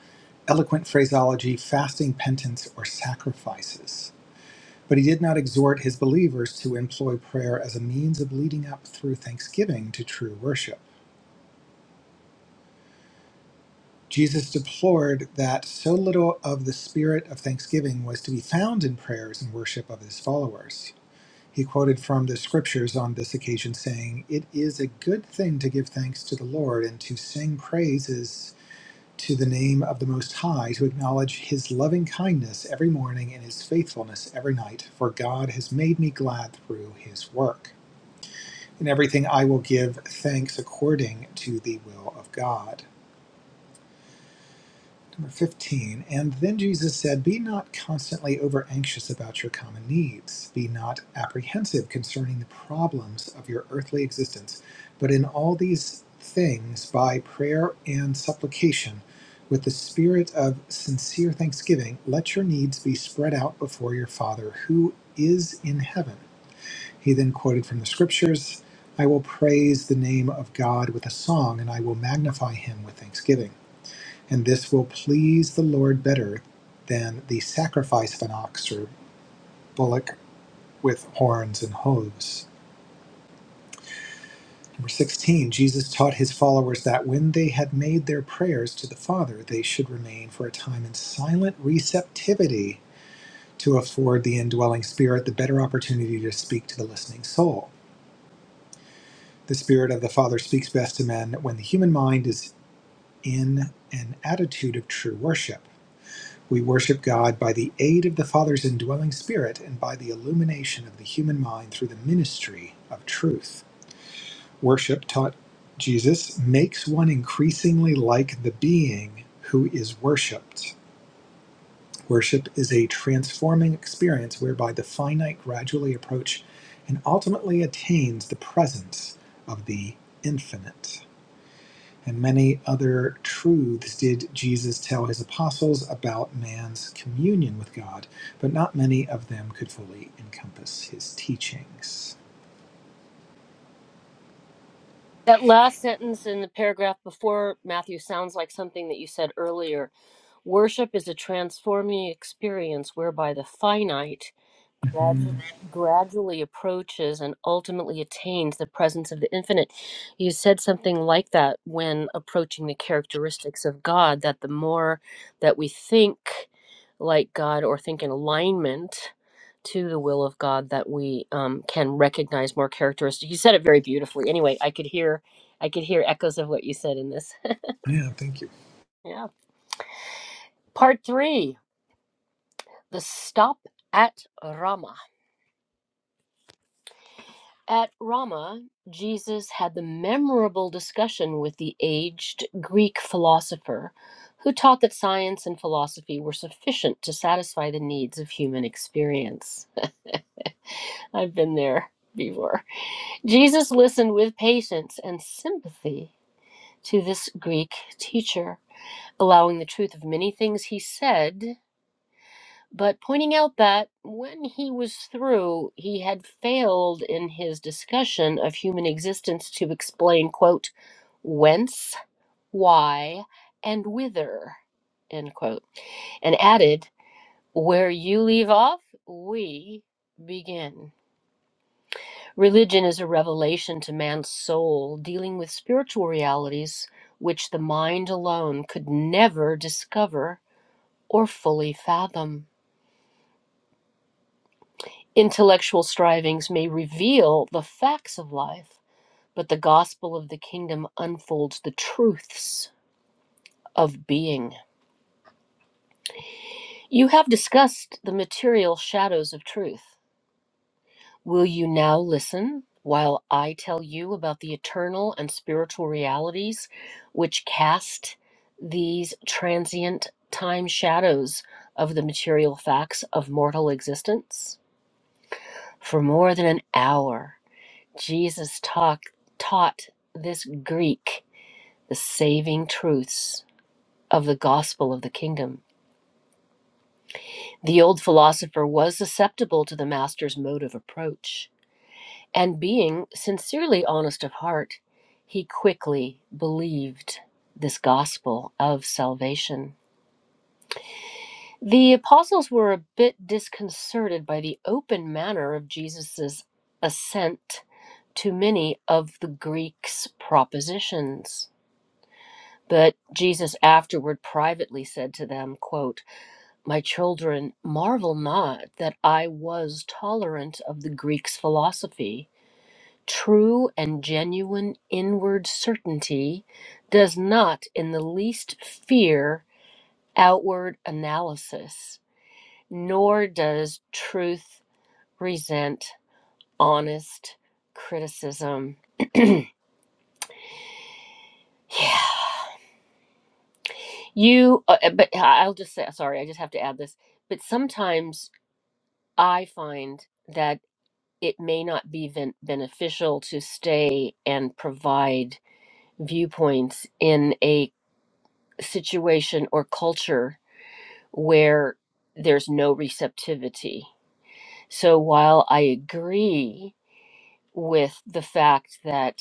eloquent phraseology, fasting, penance, or sacrifices. But he did not exhort his believers to employ prayer as a means of leading up through thanksgiving to true worship. Jesus deplored that so little of the spirit of thanksgiving was to be found in prayers and worship of his followers. He quoted from the scriptures on this occasion, saying, It is a good thing to give thanks to the Lord and to sing praises to the name of the Most High, to acknowledge his loving kindness every morning and his faithfulness every night, for God has made me glad through his work. In everything I will give thanks according to the will of God. Number 15. And then Jesus said, Be not constantly over anxious about your common needs. Be not apprehensive concerning the problems of your earthly existence, but in all these things, by prayer and supplication, with the spirit of sincere thanksgiving, let your needs be spread out before your Father who is in heaven. He then quoted from the scriptures I will praise the name of God with a song, and I will magnify him with thanksgiving and this will please the Lord better than the sacrifice of an ox or bullock with horns and hooves. Number 16, Jesus taught his followers that when they had made their prayers to the Father, they should remain for a time in silent receptivity to afford the indwelling Spirit the better opportunity to speak to the listening soul. The Spirit of the Father speaks best to men when the human mind is in an attitude of true worship. We worship God by the aid of the Father's indwelling spirit and by the illumination of the human mind through the ministry of truth. Worship, taught Jesus, makes one increasingly like the being who is worshiped. Worship is a transforming experience whereby the finite gradually approach and ultimately attains the presence of the infinite. And many other truths did Jesus tell his apostles about man's communion with God, but not many of them could fully encompass his teachings. That last sentence in the paragraph before, Matthew, sounds like something that you said earlier. Worship is a transforming experience whereby the finite gradu- Mhm. gradually approaches and ultimately attains the presence of the infinite. You said something like that when approaching the characteristics of God, that the more that we think like God or think in alignment to the will of God, that we um, can recognize more characteristics. You said it very beautifully. Anyway, I could hear. I could hear echoes of what you said in this. Yeah, thank you. yeah. Part three, the stop at Rama. At Rama, Jesus had the memorable discussion with the aged Greek philosopher who taught that science and philosophy were sufficient to satisfy the needs of human experience. I've been there before. Jesus listened with patience and sympathy to this Greek teacher, allowing the truth of many things he said but pointing out that when he was through, he had failed in his discussion of human existence to explain, quote, whence, why, and whither, end quote, and added, where you leave off, we begin. Religion is a revelation to man's soul dealing with spiritual realities which the mind alone could never discover or fully fathom. Intellectual strivings may reveal the facts of life, but the gospel of the kingdom unfolds the truths of being. You have discussed the material shadows of truth. Will you now listen while I tell you about the eternal and spiritual realities which cast these transient time shadows of the material facts of mortal existence? For more than an hour, Jesus talk, taught this Greek the saving truths of the gospel of the kingdom. The old philosopher was susceptible to the master's mode of approach, and being sincerely honest of heart, he quickly believed this gospel of salvation. The apostles were a bit disconcerted by the open manner of Jesus' assent to many of the Greeks' propositions But Jesus afterward privately said to them, quote, My children, marvel not that I was tolerant of the Greeks' philosophy. True and genuine inward certainty does not in the least fear outward analysis, nor does truth resent honest criticism. Yeah. You, uh, but uh, I'll just say, sorry, I just have to add this. But sometimes I find that it may not be ben- beneficial to stay and provide viewpoints in a situation or culture where there's no receptivity. So while I agree with the fact that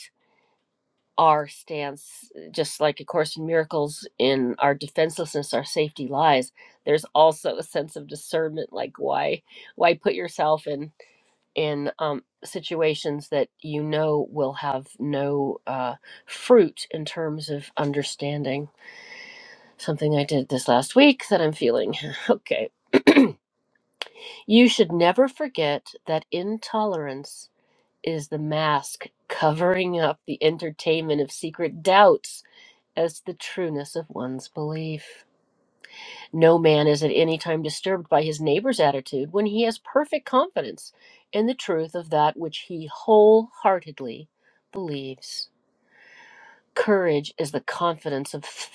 our stance, just like A Course in Miracles, in our defenselessness, our safety lies, there's also a sense of discernment like, why? Why put yourself in? in um, situations that you know will have no uh, fruit in terms of understanding. Something I did this last week that I'm feeling. okay. You should never forget that intolerance is the mask covering up the entertainment of secret doubts as to the trueness of one's belief. No man is at any time disturbed by his neighbor's attitude when he has perfect confidence in the truth of that which he wholeheartedly believes. Courage is the confidence of th-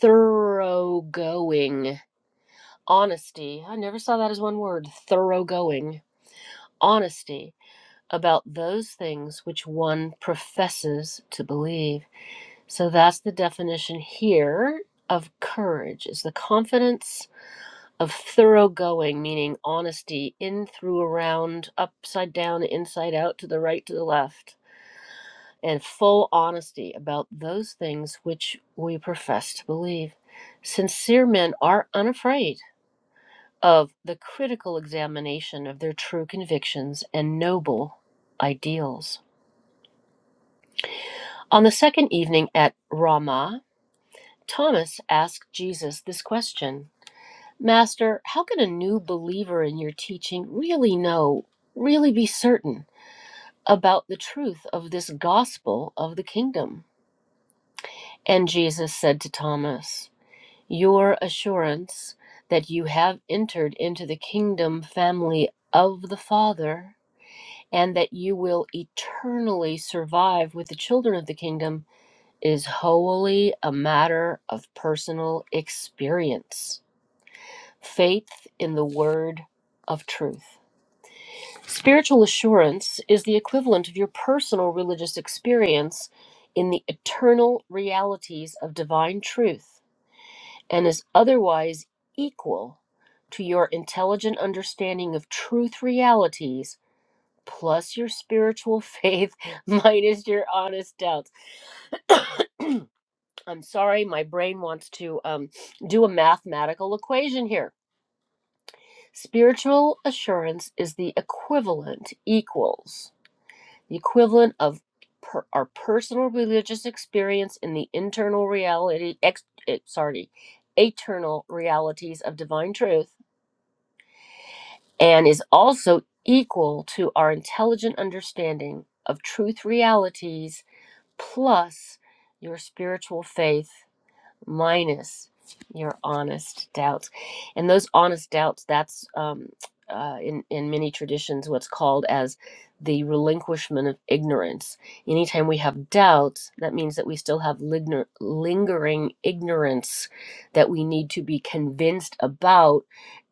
thoroughgoing honesty. I never saw that as one word thoroughgoing honesty about those things which one professes to believe. So that's the definition here of courage is the confidence of thoroughgoing, meaning honesty in, through, around, upside down, inside out, to the right, to the left, and full honesty about those things which we profess to believe. Sincere men are unafraid of the critical examination of their true convictions and noble ideals. On the second evening at Ramah, Thomas asked Jesus this question. Master, how can a new believer in your teaching really know, really be certain about the truth of this gospel of the kingdom? And Jesus said to Thomas, Your assurance that you have entered into the kingdom family of the Father and that you will eternally survive with the children of the kingdom is wholly a matter of personal experience, faith in the word of truth. Spiritual assurance is the equivalent of your personal religious experience in the eternal realities of divine truth and is otherwise equal to your intelligent understanding of truth realities plus your spiritual faith minus your honest doubts. I'm sorry, my brain wants to um, do a mathematical equation here. Spiritual assurance is the equivalent, equals the equivalent of per, our personal religious experience in the internal reality, ex, eh, sorry, eternal realities of divine truth, and is also equal to our intelligent understanding of truth realities plus your spiritual faith minus your honest doubts and those honest doubts that's um, uh, in, in many traditions what's called as the relinquishment of ignorance anytime we have doubts that means that we still have ligner, lingering ignorance that we need to be convinced about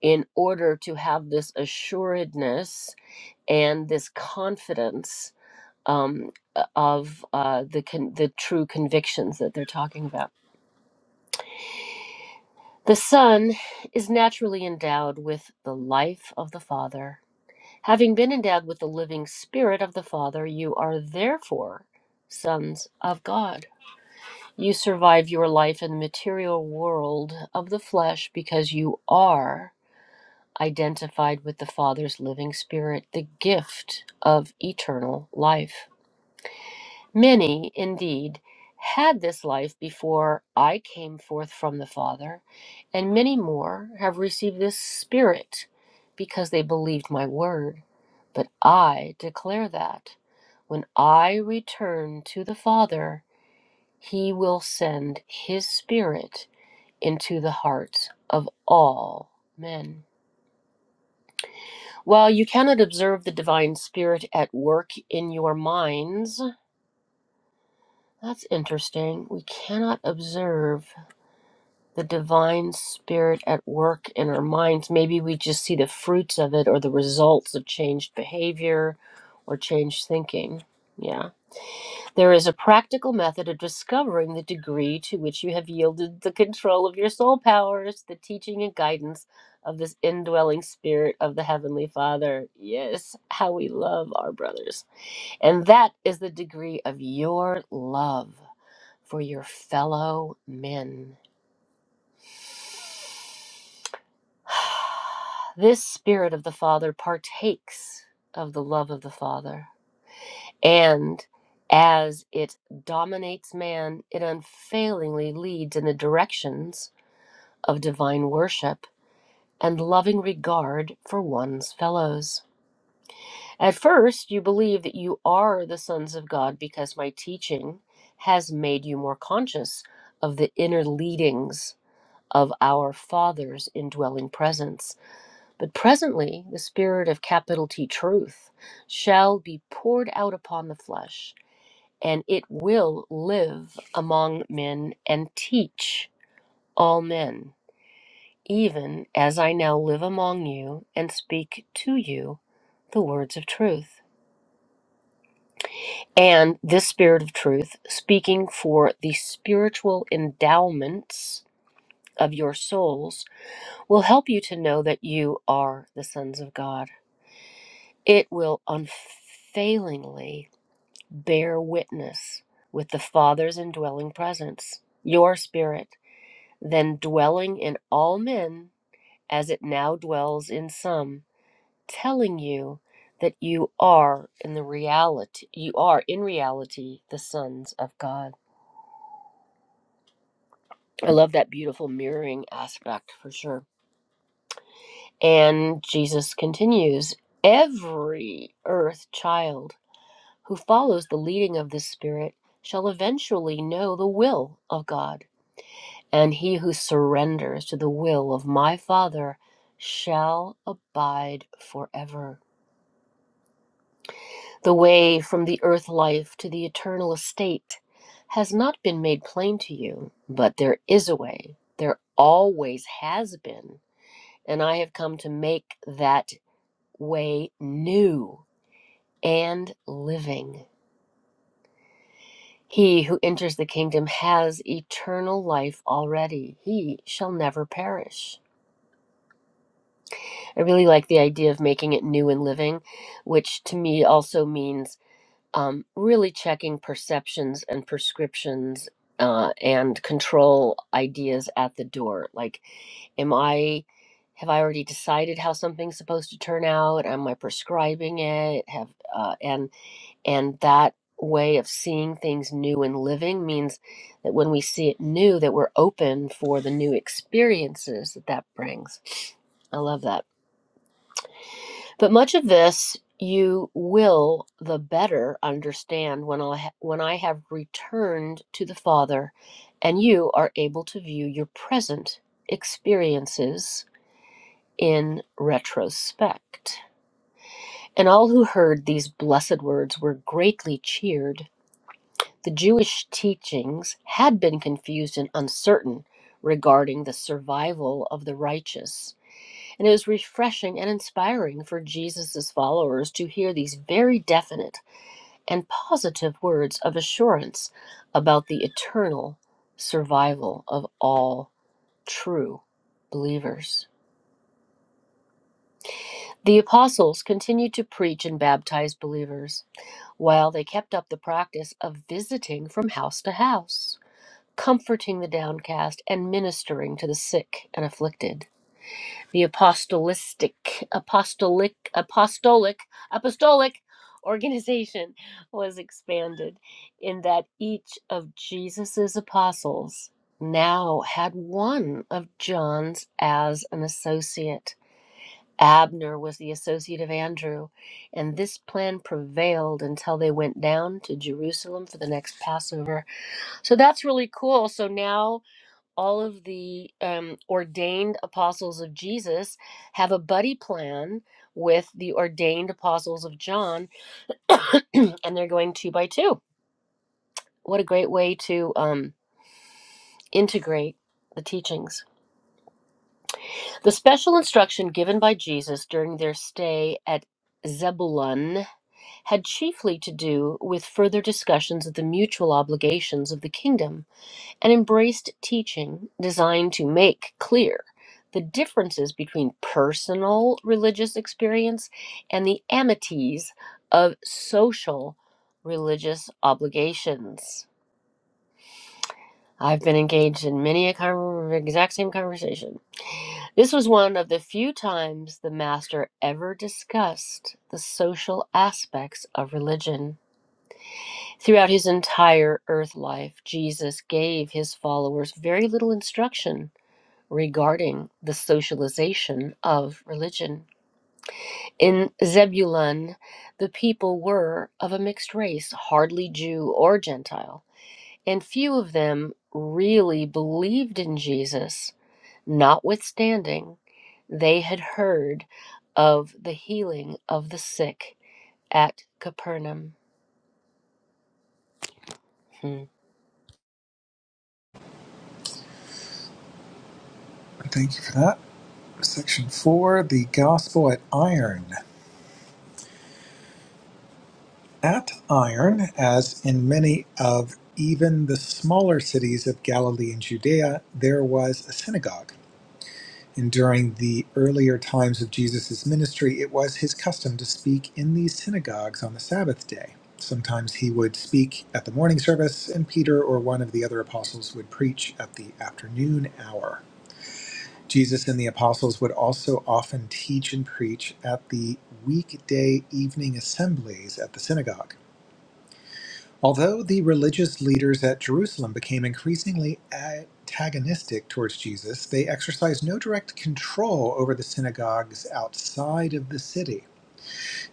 in order to have this assuredness and this confidence um, of uh, the con- the true convictions that they're talking about The Son is naturally endowed with the life of the Father. Having been endowed with the living Spirit of the Father, you are therefore sons of God. You survive your life in the material world of the flesh because you are identified with the Father's living Spirit, the gift of eternal life. Many, indeed, had this life before I came forth from the Father, and many more have received this Spirit because they believed my word. But I declare that when I return to the Father, he will send his Spirit into the hearts of all men. While you cannot observe the divine spirit at work in your minds, that's interesting. We cannot observe the divine spirit at work in our minds. Maybe we just see the fruits of it or the results of changed behavior or changed thinking. Yeah. There is a practical method of discovering the degree to which you have yielded the control of your soul powers, the teaching and guidance of this indwelling spirit of the Heavenly Father. Yes, how we love our brothers. And that is the degree of your love for your fellow men. This Spirit of the Father partakes of the love of the Father. And as it dominates man, it unfailingly leads in the directions of divine worship and loving regard for one's fellows. At first, you believe that you are the sons of God because my teaching has made you more conscious of the inner leadings of our Father's indwelling presence. But presently the Spirit of capital T truth shall be poured out upon the flesh, and it will live among men and teach all men, even as I now live among you and speak to you the words of truth. And this Spirit of truth, speaking for the spiritual endowments of your souls, will help you to know that you are the sons of God. It will unfailingly bear witness with the Father's indwelling presence, your spirit, then dwelling in all men as it now dwells in some, telling you that you are in the reality you are in reality the sons of God. I love that beautiful mirroring aspect for sure. And Jesus continues, every earth child who follows the leading of this spirit shall eventually know the will of God And he who surrenders to the will of my Father shall abide forever. The way from the earth life to the eternal estate has not been made plain to you, but there is a way. There always has been. And I have come to make that way new and living. He who enters the kingdom has eternal life already. He shall never perish. I really like the idea of making it new and living, which to me also means um, really checking perceptions and prescriptions uh, and control ideas at the door. Like, am I, have I already decided how something's supposed to turn out? Am I prescribing it? Have uh, and and that way of seeing things new and living means that when we see it new, that we're open for the new experiences that that brings. I love that. But much of this you will the better understand when I, ha- when I have returned to the Father and you are able to view your present experiences in retrospect. And all who heard these blessed words were greatly cheered. The Jewish teachings had been confused and uncertain regarding the survival of the righteous and it was refreshing and inspiring for Jesus' followers to hear these very definite and positive words of assurance about the eternal survival of all true believers. The apostles continued to preach and baptize believers, while they kept up the practice of visiting from house to house, comforting the downcast, and ministering to the sick and afflicted. the apostolistic apostolic apostolic apostolic organization was expanded in that each of Jesus's apostles now had one of John's as an associate. Abner was the associate of Andrew, and this plan prevailed until they went down to Jerusalem for the next Passover. So that's really cool. So now all of the um, ordained apostles of Jesus have a buddy plan with the ordained apostles of John, and they're going two by two. What a great way to um, integrate the teachings. The special instruction given by Jesus during their stay at Zebulun had chiefly to do with further discussions of the mutual obligations of the kingdom and embraced teaching designed to make clear the differences between personal religious experience and the amities of social religious obligations. I've been engaged in many a con- exact same conversation. This was one of the few times the master ever discussed the social aspects of religion. Throughout his entire earth life, Jesus gave his followers very little instruction regarding the socialization of religion. In Zebulun, the people were of a mixed race, hardly Jew or Gentile, and few of them really believed in Jesus, notwithstanding they had heard of the healing of the sick at Capernaum. Hmm. Thank you for that. Section four the gospel at iron. At iron, as in many of even the smaller cities of Galilee and Judea, there was a synagogue And during the earlier times of Jesus' ministry, it was his custom to speak in these synagogues on the Sabbath day. Sometimes he would speak at the morning service, and Peter or one of the other apostles would preach at the afternoon hour. Jesus and the apostles would also often teach and preach at the weekday evening assemblies at the synagogue. Although the religious leaders at Jerusalem became increasingly antagonistic towards Jesus, they exercised no direct control over the synagogues outside of the city.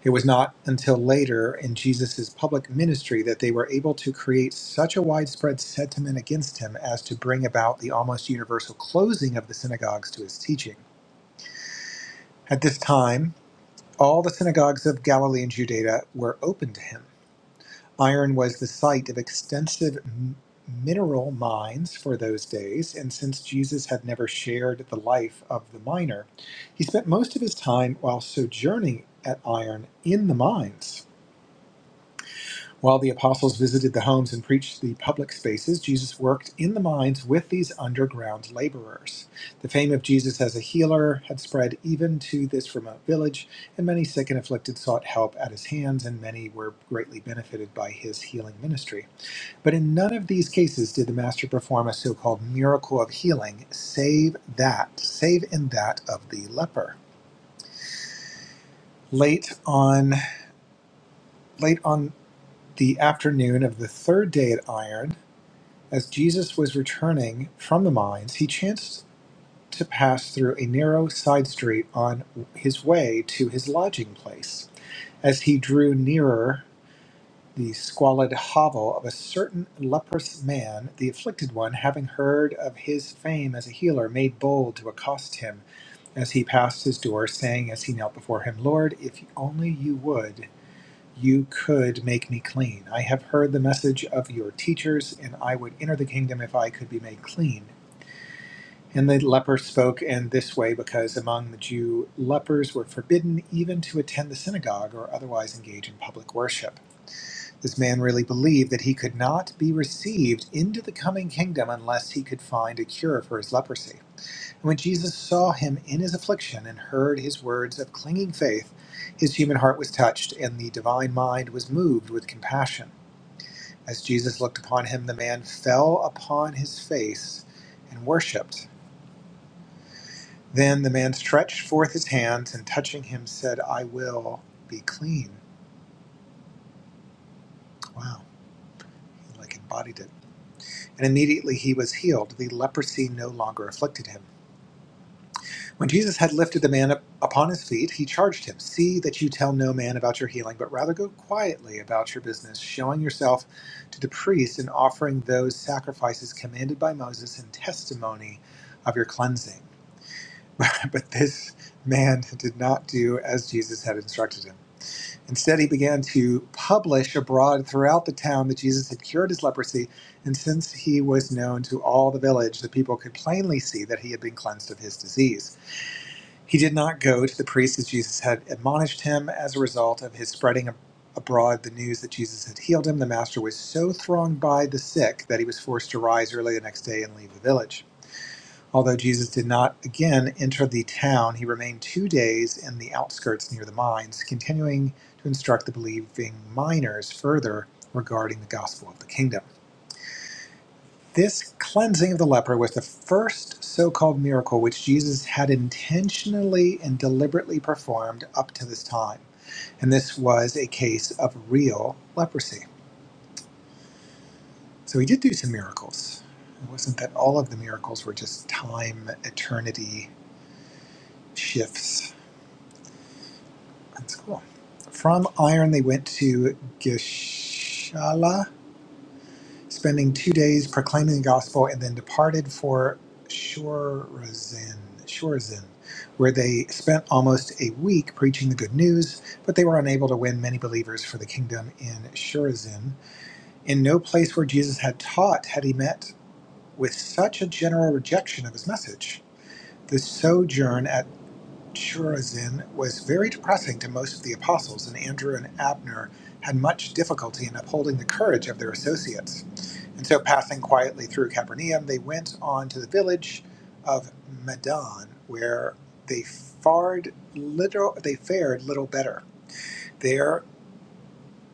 It was not until later in Jesus' public ministry that they were able to create such a widespread sentiment against him as to bring about the almost universal closing of the synagogues to his teaching. At this time, all the synagogues of Galilee and Judea were open to him. Iron was the site of extensive m- mineral mines for those days, and since Jesus had never shared the life of the miner, he spent most of his time while sojourning at Iron in the mines. While the apostles visited the homes and preached the public spaces, Jesus worked in the mines with these underground laborers. The fame of Jesus as a healer had spread even to this remote village, and many sick and afflicted sought help at his hands, and many were greatly benefited by his healing ministry. But in none of these cases did the Master perform a so called miracle of healing, save that, save in that of the leper. Late on, late on the afternoon of the third day at Iron, as Jesus was returning from the mines, he chanced to pass through a narrow side street on his way to his lodging place. As he drew nearer the squalid hovel of a certain leprous man, the afflicted one, having heard of his fame as a healer, made bold to accost him as he passed his door, saying as he knelt before him, Lord, if only you would, you could make me clean. I have heard the message of your teachers, and I would enter the kingdom if I could be made clean. And the leper spoke in this way because among the Jew, lepers were forbidden even to attend the synagogue or otherwise engage in public worship. This man really believed that he could not be received into the coming kingdom unless he could find a cure for his leprosy. And when Jesus saw him in his affliction and heard his words of clinging faith, his human heart was touched, and the divine mind was moved with compassion. As Jesus looked upon him, the man fell upon his face and worshipped. Then the man stretched forth his hands and touching him said, I will be clean. Wow, he like embodied it. And immediately he was healed. The leprosy no longer afflicted him. When Jesus had lifted the man up upon his feet, he charged him See that you tell no man about your healing, but rather go quietly about your business, showing yourself to the priest and offering those sacrifices commanded by Moses in testimony of your cleansing. but this man did not do as Jesus had instructed him. Instead, he began to publish abroad throughout the town that Jesus had cured his leprosy, and since he was known to all the village, the people could plainly see that he had been cleansed of his disease. He did not go to the priest as Jesus had admonished him. As a result of his spreading abroad the news that Jesus had healed him, the master was so thronged by the sick that he was forced to rise early the next day and leave the village. Although Jesus did not again enter the town, he remained two days in the outskirts near the mines, continuing to instruct the believing miners further regarding the gospel of the kingdom. This cleansing of the leper was the first so called miracle which Jesus had intentionally and deliberately performed up to this time. And this was a case of real leprosy. So he did do some miracles. It wasn't that all of the miracles were just time, eternity shifts That's cool. From Iron, they went to Gishala, spending two days proclaiming the gospel, and then departed for Shorazin, Shorazin, where they spent almost a week preaching the good news, but they were unable to win many believers for the kingdom in Shorazin. In no place where Jesus had taught had he met with such a general rejection of his message. The sojourn at Chorazin was very depressing to most of the apostles, and Andrew and Abner had much difficulty in upholding the courage of their associates. And so, passing quietly through Capernaum, they went on to the village of Madon, where they fared little. They fared little better. There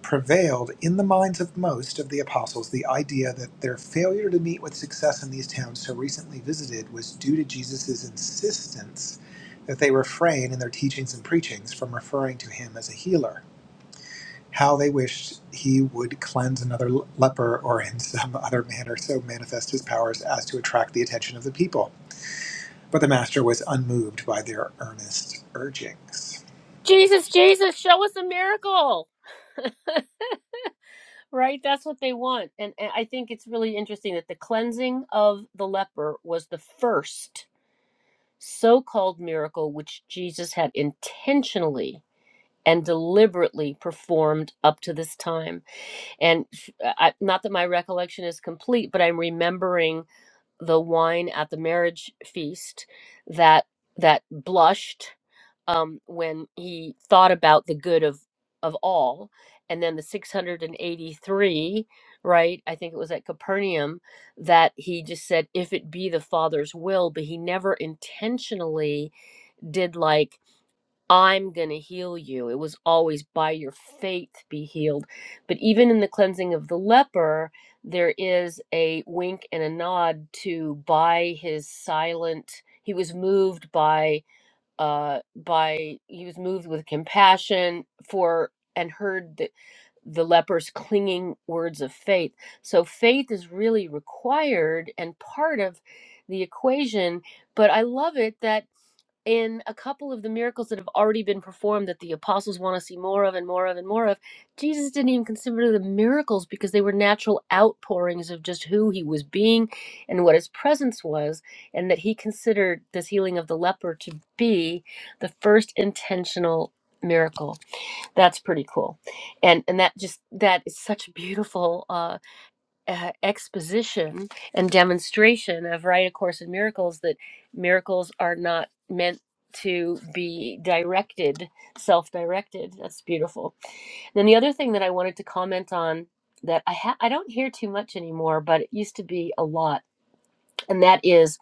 prevailed in the minds of most of the apostles the idea that their failure to meet with success in these towns so recently visited was due to Jesus' insistence that they refrain in their teachings and preachings from referring to him as a healer. How they wished he would cleanse another le- leper or in some other manner so manifest his powers as to attract the attention of the people. But the master was unmoved by their earnest urgings. Jesus, Jesus, show us a miracle. Right, that's what they want. And, and I think it's really interesting that the cleansing of the leper was the first so called miracle which Jesus had intentionally and deliberately performed up to this time. And I, not that my recollection is complete, but I'm remembering the wine at the marriage feast that that blushed um, when he thought about the good of of all and then the 683 right i think it was at capernaum that he just said if it be the father's will but he never intentionally did like i'm going to heal you it was always by your faith be healed but even in the cleansing of the leper there is a wink and a nod to by his silent he was moved by uh, by he was moved with compassion for and heard the, the leper's clinging words of faith. So faith is really required and part of the equation. But I love it that in a couple of the miracles that have already been performed that the apostles want to see more of and more of and more of, Jesus didn't even consider the miracles because they were natural outpourings of just who he was being and what his presence was, and that he considered this healing of the leper to be the first intentional miracle that's pretty cool and and that just that is such a beautiful uh uh, exposition and demonstration of Right A Course in Miracles that miracles are not meant to be directed, self directed. That's beautiful. Then the other thing that I wanted to comment on that I, ha- I don't hear too much anymore, but it used to be a lot, and that is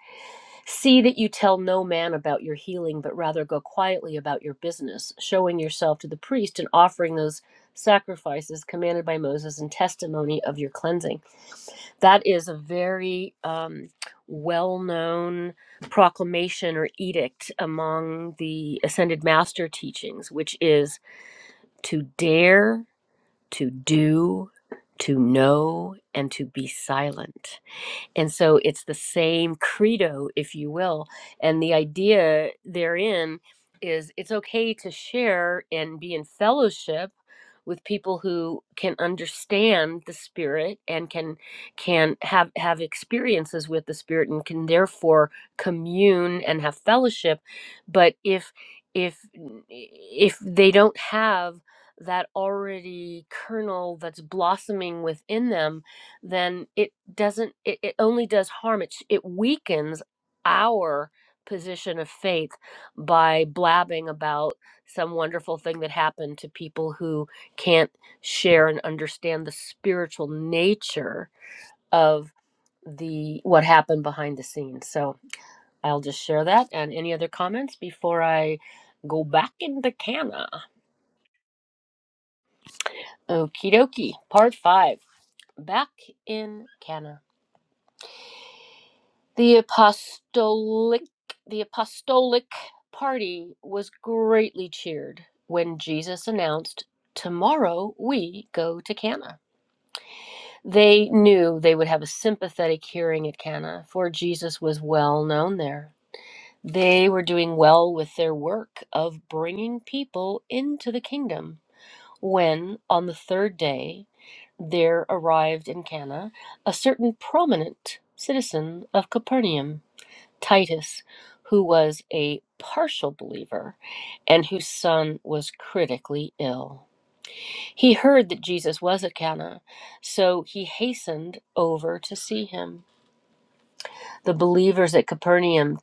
see that you tell no man about your healing, but rather go quietly about your business, showing yourself to the priest and offering those sacrifices commanded by Moses and testimony of your cleansing that is a very um, well known proclamation or edict among the Ascended Master teachings, which is to dare, to do, to know, and to be silent. And so it's the same credo, if you will. And the idea therein is it's okay to share and be in fellowship with people who can understand the spirit and can can have have experiences with the spirit and can therefore commune and have fellowship but if if if they don't have that already kernel that's blossoming within them then it doesn't it, it only does harm it, it weakens our position of faith by blabbing about some wonderful thing that happened to people who can't share and understand the spiritual nature of the what happened behind the scenes so i'll just share that and any other comments before i go back into cana okie dokie part five back in cana The apostolic the apostolic party was greatly cheered when Jesus announced, "Tomorrow we go to Cana." They knew they would have a sympathetic hearing at Cana, for Jesus was well known there. They were doing well with their work of bringing people into the kingdom when on the third day there arrived in Cana a certain prominent citizen of Capernaum Titus, who was a partial believer and whose son was critically ill. He heard that Jesus was at Cana, so he hastened over to see him. The believers at Capernaum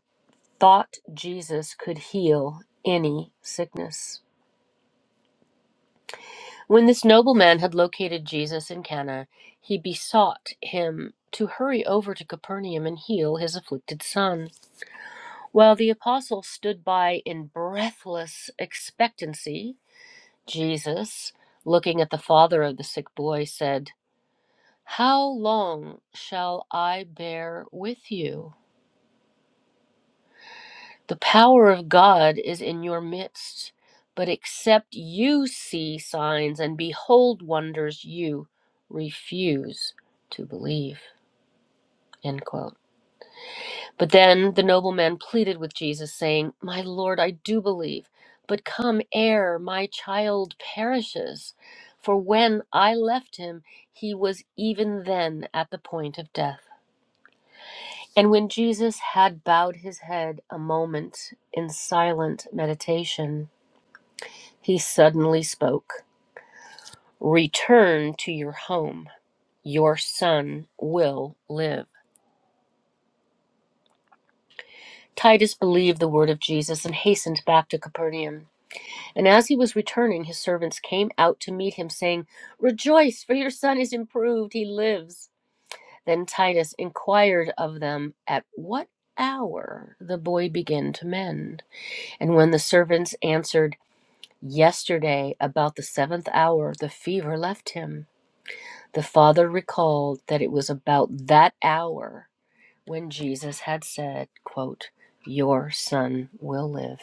thought Jesus could heal any sickness. When this nobleman had located Jesus in Cana, he besought him to hurry over to Capernaum and heal his afflicted son. Well, the apostles stood by in breathless expectancy. Jesus, looking at the father of the sick boy, said, How long shall I bear with you? The power of God is in your midst, but except you see signs and behold wonders, you refuse to believe. End quote. But then the nobleman pleaded with Jesus, saying, My Lord, I do believe, but come ere my child perishes. For when I left him, he was even then at the point of death. And when Jesus had bowed his head a moment in silent meditation, he suddenly spoke Return to your home. Your son will live. Titus believed the word of Jesus and hastened back to Capernaum. And as he was returning, his servants came out to meet him, saying, Rejoice, for your son is improved, he lives. Then Titus inquired of them at what hour the boy began to mend. And when the servants answered, Yesterday, about the seventh hour, the fever left him, the father recalled that it was about that hour when Jesus had said, quote, Your son will live.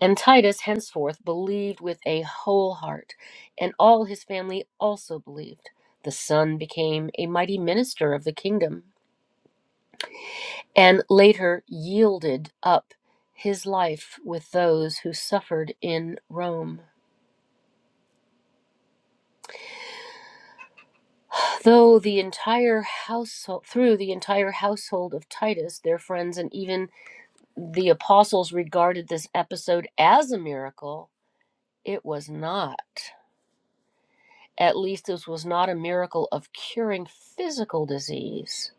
And Titus henceforth believed with a whole heart, and all his family also believed. The son became a mighty minister of the kingdom, and later yielded up his life with those who suffered in Rome. Though the entire household, through the entire household of Titus, their friends, and even the apostles regarded this episode as a miracle, it was not. At least this was not a miracle of curing physical disease.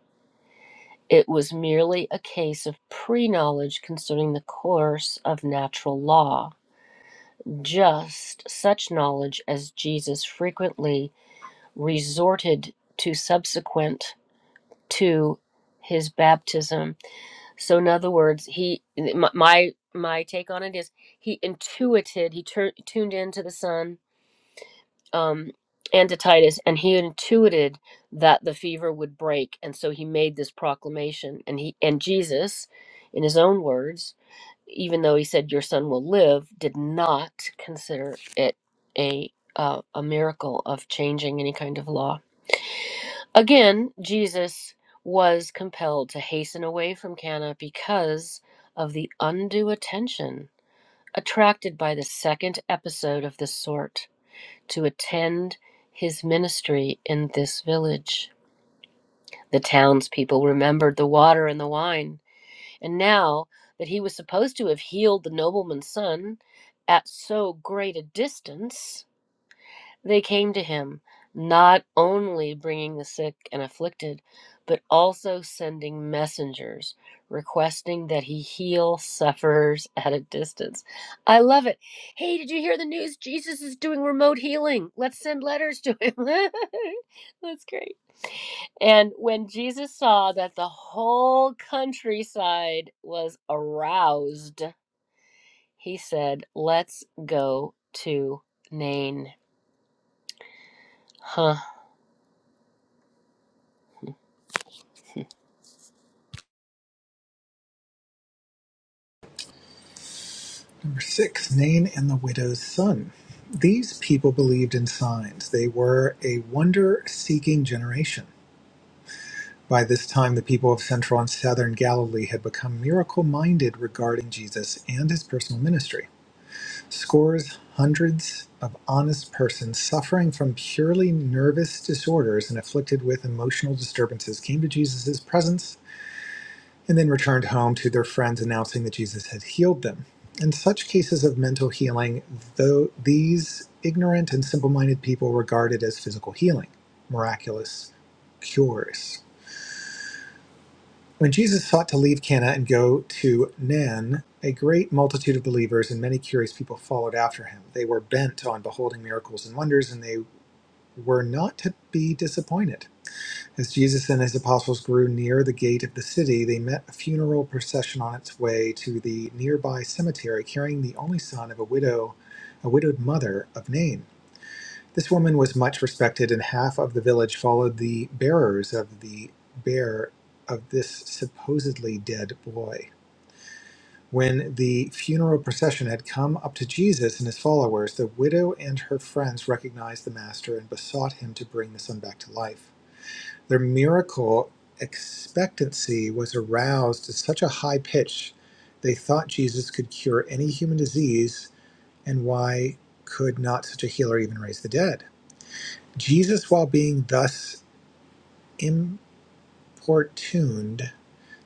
It was merely a case of pre knowledge concerning the course of natural law, just such knowledge as Jesus frequently resorted to subsequent to his baptism. So, in other words, he my my take on it is he intuited, he tur- tuned into the Son um, and to Titus, and he intuited that the fever would break, and so he made this proclamation. And he and Jesus, in his own words, even though he said, "Your son will live," did not consider it a uh, a miracle of changing any kind of law. Again, Jesus was compelled to hasten away from Cana because of the undue attention attracted by the second episode of this sort to attend his ministry in this village. The townspeople remembered the water and the wine, and now that he was supposed to have healed the nobleman's son at so great a distance, they came to him, not only bringing the sick and afflicted, but also sending messengers requesting that he heal sufferers at a distance. I love it. Hey, did you hear the news? Jesus is doing remote healing. Let's send letters to him. That's great. And when Jesus saw that the whole countryside was aroused, he said, Let's go to Nain. huh?" Number six, Nain and the widow's son. These people believed in signs. They were a wonder seeking generation. By this time, the people of central and southern Galilee had become miracle minded regarding Jesus and his personal ministry. Scores, hundreds of honest persons suffering from purely nervous disorders and afflicted with emotional disturbances came to Jesus' presence and then returned home to their friends announcing that Jesus had healed them. In such cases of mental healing, though these ignorant and simple-minded people regarded as physical healing, miraculous cures. When Jesus sought to leave Cana and go to Nan, a great multitude of believers and many curious people followed after him. They were bent on beholding miracles and wonders, and they were not to be disappointed. As Jesus and his apostles grew near the gate of the city, they met a funeral procession on its way to the nearby cemetery carrying the only son of a widow, a widowed mother of Nain. This woman was much respected, and half of the village followed the bearers of the bear of this supposedly dead boy. When the funeral procession had come up to Jesus and his followers, the widow and her friends recognized the master and besought him to bring the son back to life. Their miracle expectancy was aroused to such a high pitch they thought Jesus could cure any human disease, and why could not such a healer even raise the dead? Jesus, while being thus importuned,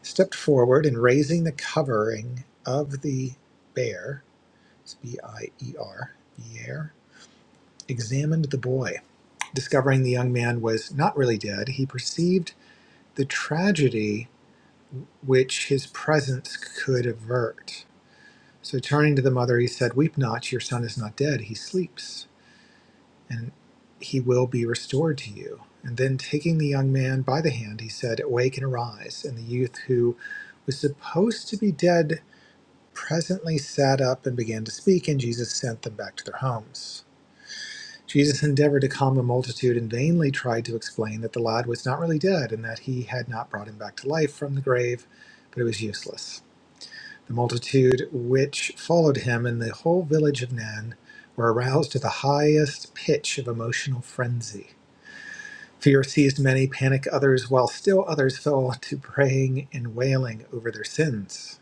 stepped forward and raising the covering of the bier, it's B I E R, bear, examined the boy. Discovering the young man was not really dead, he perceived the tragedy which his presence could avert. So turning to the mother, he said, Weep not, your son is not dead, he sleeps, and he will be restored to you. And then taking the young man by the hand, he said, Awake and arise. And the youth who was supposed to be dead presently sat up and began to speak, and Jesus sent them back to their homes. Jesus endeavored to calm the multitude and vainly tried to explain that the lad was not really dead and that he had not brought him back to life from the grave, but it was useless. The multitude which followed him in the whole village of Nan were aroused to the highest pitch of emotional frenzy. Fear seized many, panic others, while still others fell to praying and wailing over their sins.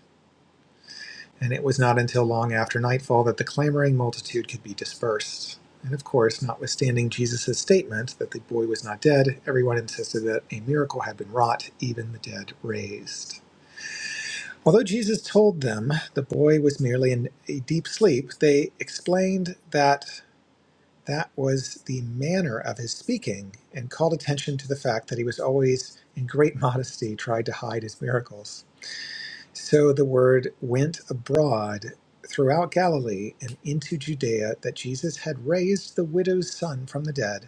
And it was not until long after nightfall that the clamoring multitude could be dispersed. And of course, notwithstanding Jesus' statement that the boy was not dead, everyone insisted that a miracle had been wrought, even the dead raised. Although Jesus told them the boy was merely in a deep sleep, they explained that that was the manner of his speaking and called attention to the fact that he was always, in great modesty, tried to hide his miracles. So the word went abroad throughout Galilee and into Judea that Jesus had raised the widow's son from the dead.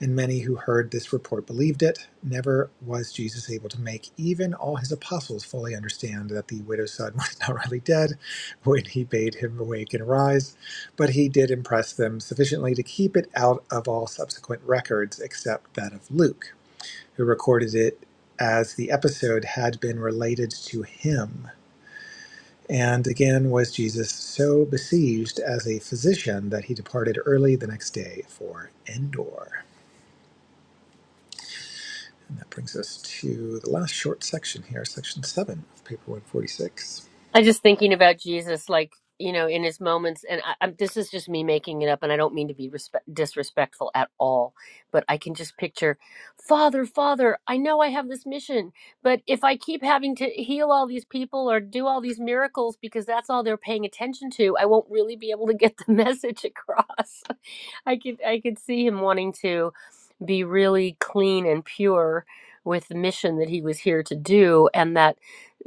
And many who heard this report believed it. Never was Jesus able to make even all his apostles fully understand that the widow's son was not really dead when he bade him awake and arise, but he did impress them sufficiently to keep it out of all subsequent records except that of Luke, who recorded it as the episode had been related to him. And again was Jesus so besieged as a physician that he departed early the next day for Endor. And that brings us to the last short section here, section seven of paper 146. I just thinking about Jesus, like you know, in his moments, and I, I'm, this is just me making it up, and I don't mean to be respe- disrespectful at all, but I can just picture, Father, Father, I know I have this mission, but if I keep having to heal all these people or do all these miracles because that's all they're paying attention to, I won't really be able to get the message across. I could, I could see him wanting to be really clean and pure with the mission that he was here to do, and that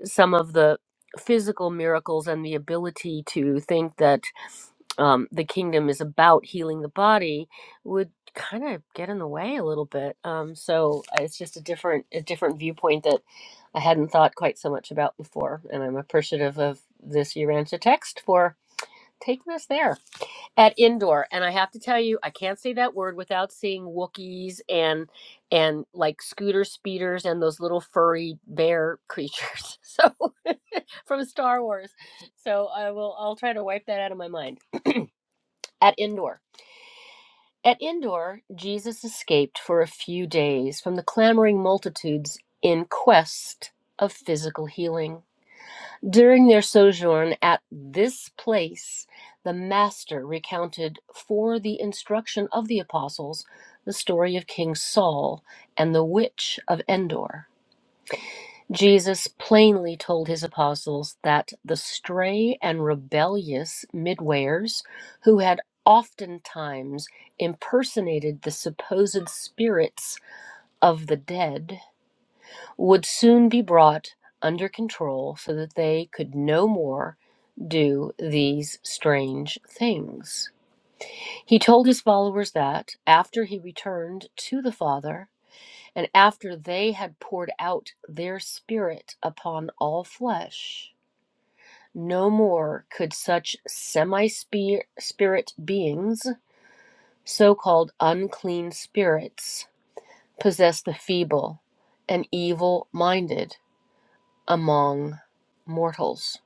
some of the physical miracles and the ability to think that um, the kingdom is about healing the body would kind of get in the way a little bit. Um, so uh, it's just a different a different viewpoint that I hadn't thought quite so much about before, and I'm appreciative of this Urantia text for taking us there at indoor and i have to tell you i can't say that word without seeing wookiees and and like scooter speeders and those little furry bear creatures so from star wars so i will i'll try to wipe that out of my mind at indoor at indoor jesus escaped for a few days from the clamoring multitudes in quest of physical healing during their sojourn at this place, the Master recounted for the instruction of the apostles the story of King Saul and the witch of Endor. Jesus plainly told his apostles that the stray and rebellious midwayers who had oftentimes impersonated the supposed spirits of the dead would soon be brought under control so that they could no more do these strange things. He told his followers that after he returned to the Father and after they had poured out their Spirit upon all flesh, no more could such semi spirit beings, so called unclean spirits, possess the feeble and evil minded among mortals.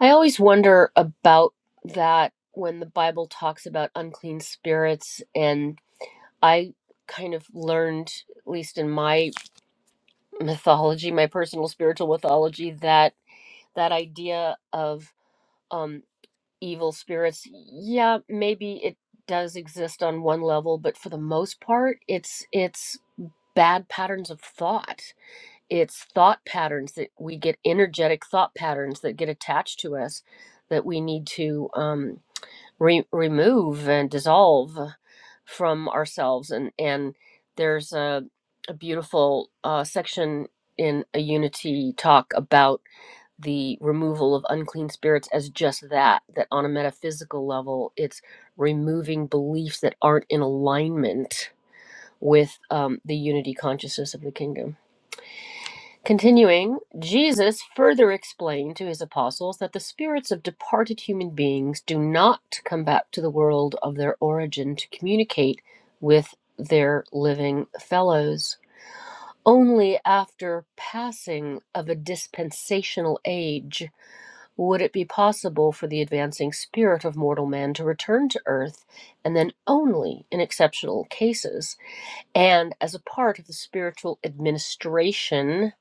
I always wonder about that when the Bible talks about unclean spirits, and I kind of learned, at least in my mythology, my personal spiritual mythology, that that idea of um, evil spirits, yeah, maybe it does exist on one level, but for the most part, it's it's bad patterns of thought it's thought patterns that we get energetic thought patterns that get attached to us that we need to um, re- remove and dissolve from ourselves and and there's a, a beautiful uh, section in a unity talk about the removal of unclean spirits as just that that on a metaphysical level it's removing beliefs that aren't in alignment with um, the unity consciousness of the kingdom Continuing, Jesus further explained to his apostles that the spirits of departed human beings do not come back to the world of their origin to communicate with their living fellows. Only after passing of a dispensational age would it be possible for the advancing spirit of mortal man to return to earth, and then only in exceptional cases, and as a part of the spiritual administration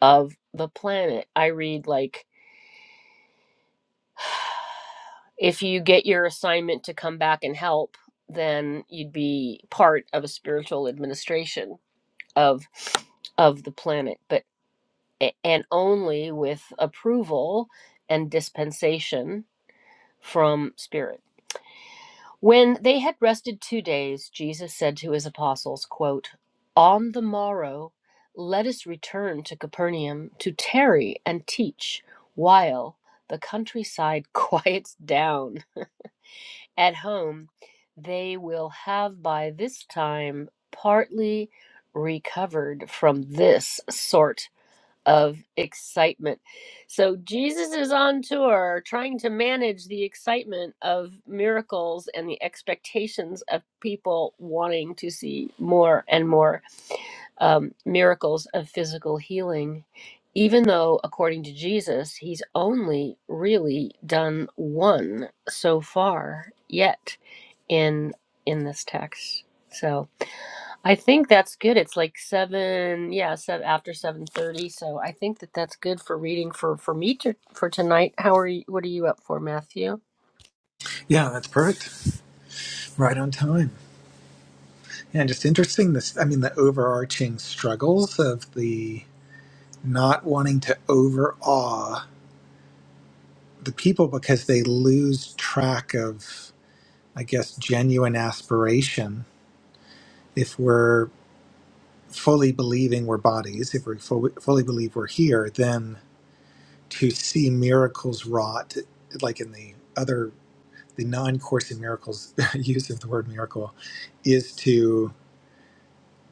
of the planet. I read like if you get your assignment to come back and help, then you'd be part of a spiritual administration of of the planet, but and only with approval and dispensation from spirit. When they had rested two days, Jesus said to his apostles, quote, On the morrow, let us return to Capernaum to tarry and teach while the countryside quiets down. At home, they will have by this time partly recovered from this sort of excitement. So Jesus is on tour trying to manage the excitement of miracles and the expectations of people wanting to see more and more um, miracles of physical healing. Even though, according to Jesus, he's only really done one so far yet in in this text. So, I think that's good. It's like seven, yeah, seven, after seven thirty. So I think that that's good for reading for for me to, for tonight. How are you? What are you up for, Matthew? Yeah, that's perfect. Right on time. And just interesting this, I mean, the overarching struggles of the not wanting to overawe the people because they lose track of, I guess, genuine aspiration. If we're fully believing we're bodies, if we fully, fully believe we're here, then to see miracles wrought, like in the other the non-course in miracles use of the word miracle is to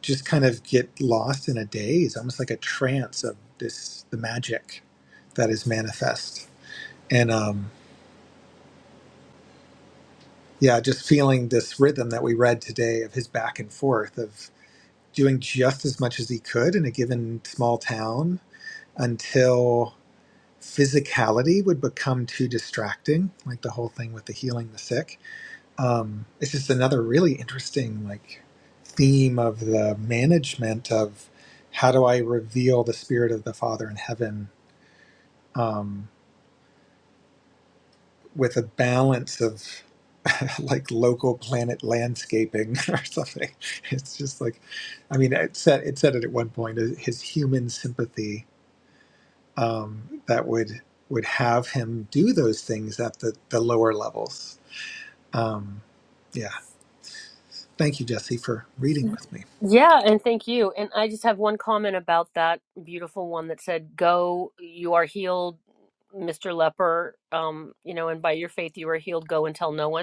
just kind of get lost in a daze almost like a trance of this the magic that is manifest and um yeah just feeling this rhythm that we read today of his back and forth of doing just as much as he could in a given small town until physicality would become too distracting like the whole thing with the healing the sick um, it's just another really interesting like theme of the management of how do I reveal the spirit of the Father in heaven um, with a balance of like local planet landscaping or something. It's just like, I mean, it said it said it at one point uh, his human sympathy um, that would would have him do those things at the the lower levels. Yeah. Thank you, Jesse, for reading with me. Yeah, and thank you. And I just have one comment about that beautiful one that said, "Go, you are healed, Mister Leper. Um, you know, and by your faith you are healed. Go and tell no one."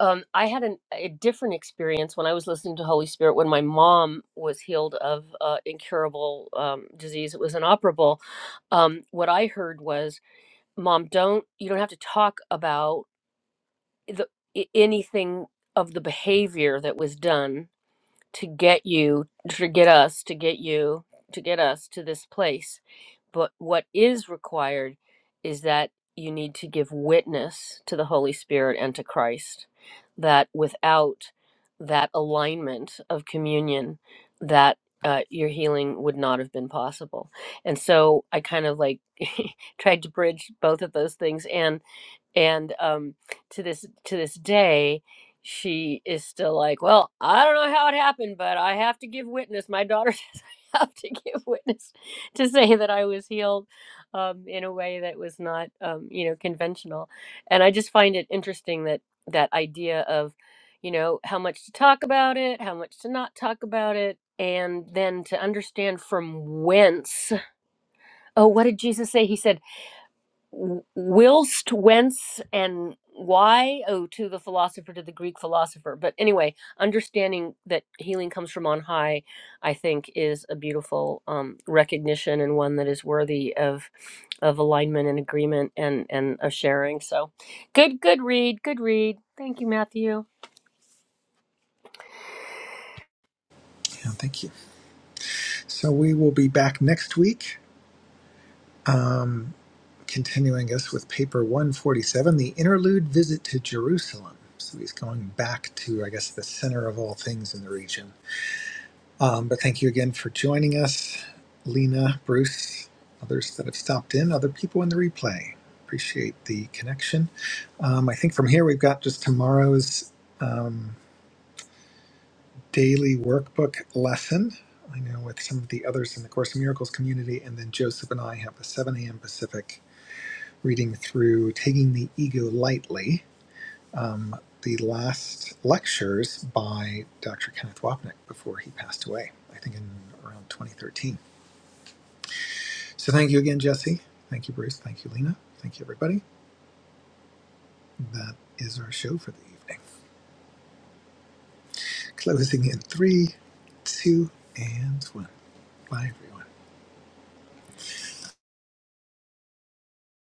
Um, I had an, a different experience when I was listening to Holy Spirit when my mom was healed of uh, incurable um, disease. It was inoperable. Um, what I heard was, "Mom, don't you don't have to talk about the, i- anything of the behavior that was done to get you to get us to get you to get us to this place but what is required is that you need to give witness to the holy spirit and to christ that without that alignment of communion that uh, your healing would not have been possible and so i kind of like tried to bridge both of those things and and um, to this to this day she is still like well i don't know how it happened but i have to give witness my daughter says i have to give witness to say that i was healed um, in a way that was not um, you know conventional and i just find it interesting that that idea of you know how much to talk about it how much to not talk about it and then to understand from whence oh what did jesus say he said whilst whence and why oh to the philosopher to the greek philosopher but anyway understanding that healing comes from on high i think is a beautiful um, recognition and one that is worthy of of alignment and agreement and and of sharing so good good read good read thank you matthew Yeah, thank you. So we will be back next week, um, continuing us with paper 147, the interlude visit to Jerusalem. So he's going back to, I guess, the center of all things in the region. Um, but thank you again for joining us, Lena, Bruce, others that have stopped in, other people in the replay. Appreciate the connection. Um, I think from here we've got just tomorrow's. um, daily workbook lesson. I know with some of the others in the Course in Miracles community, and then Joseph and I have a 7 a.m. Pacific reading through Taking the Ego Lightly, um, the last lectures by Dr. Kenneth Wapnick before he passed away, I think in around 2013. So thank you again, Jesse. Thank you, Bruce. Thank you, Lena. Thank you, everybody. That is our show for the evening. Closing in three, two, and one. Bye, everyone.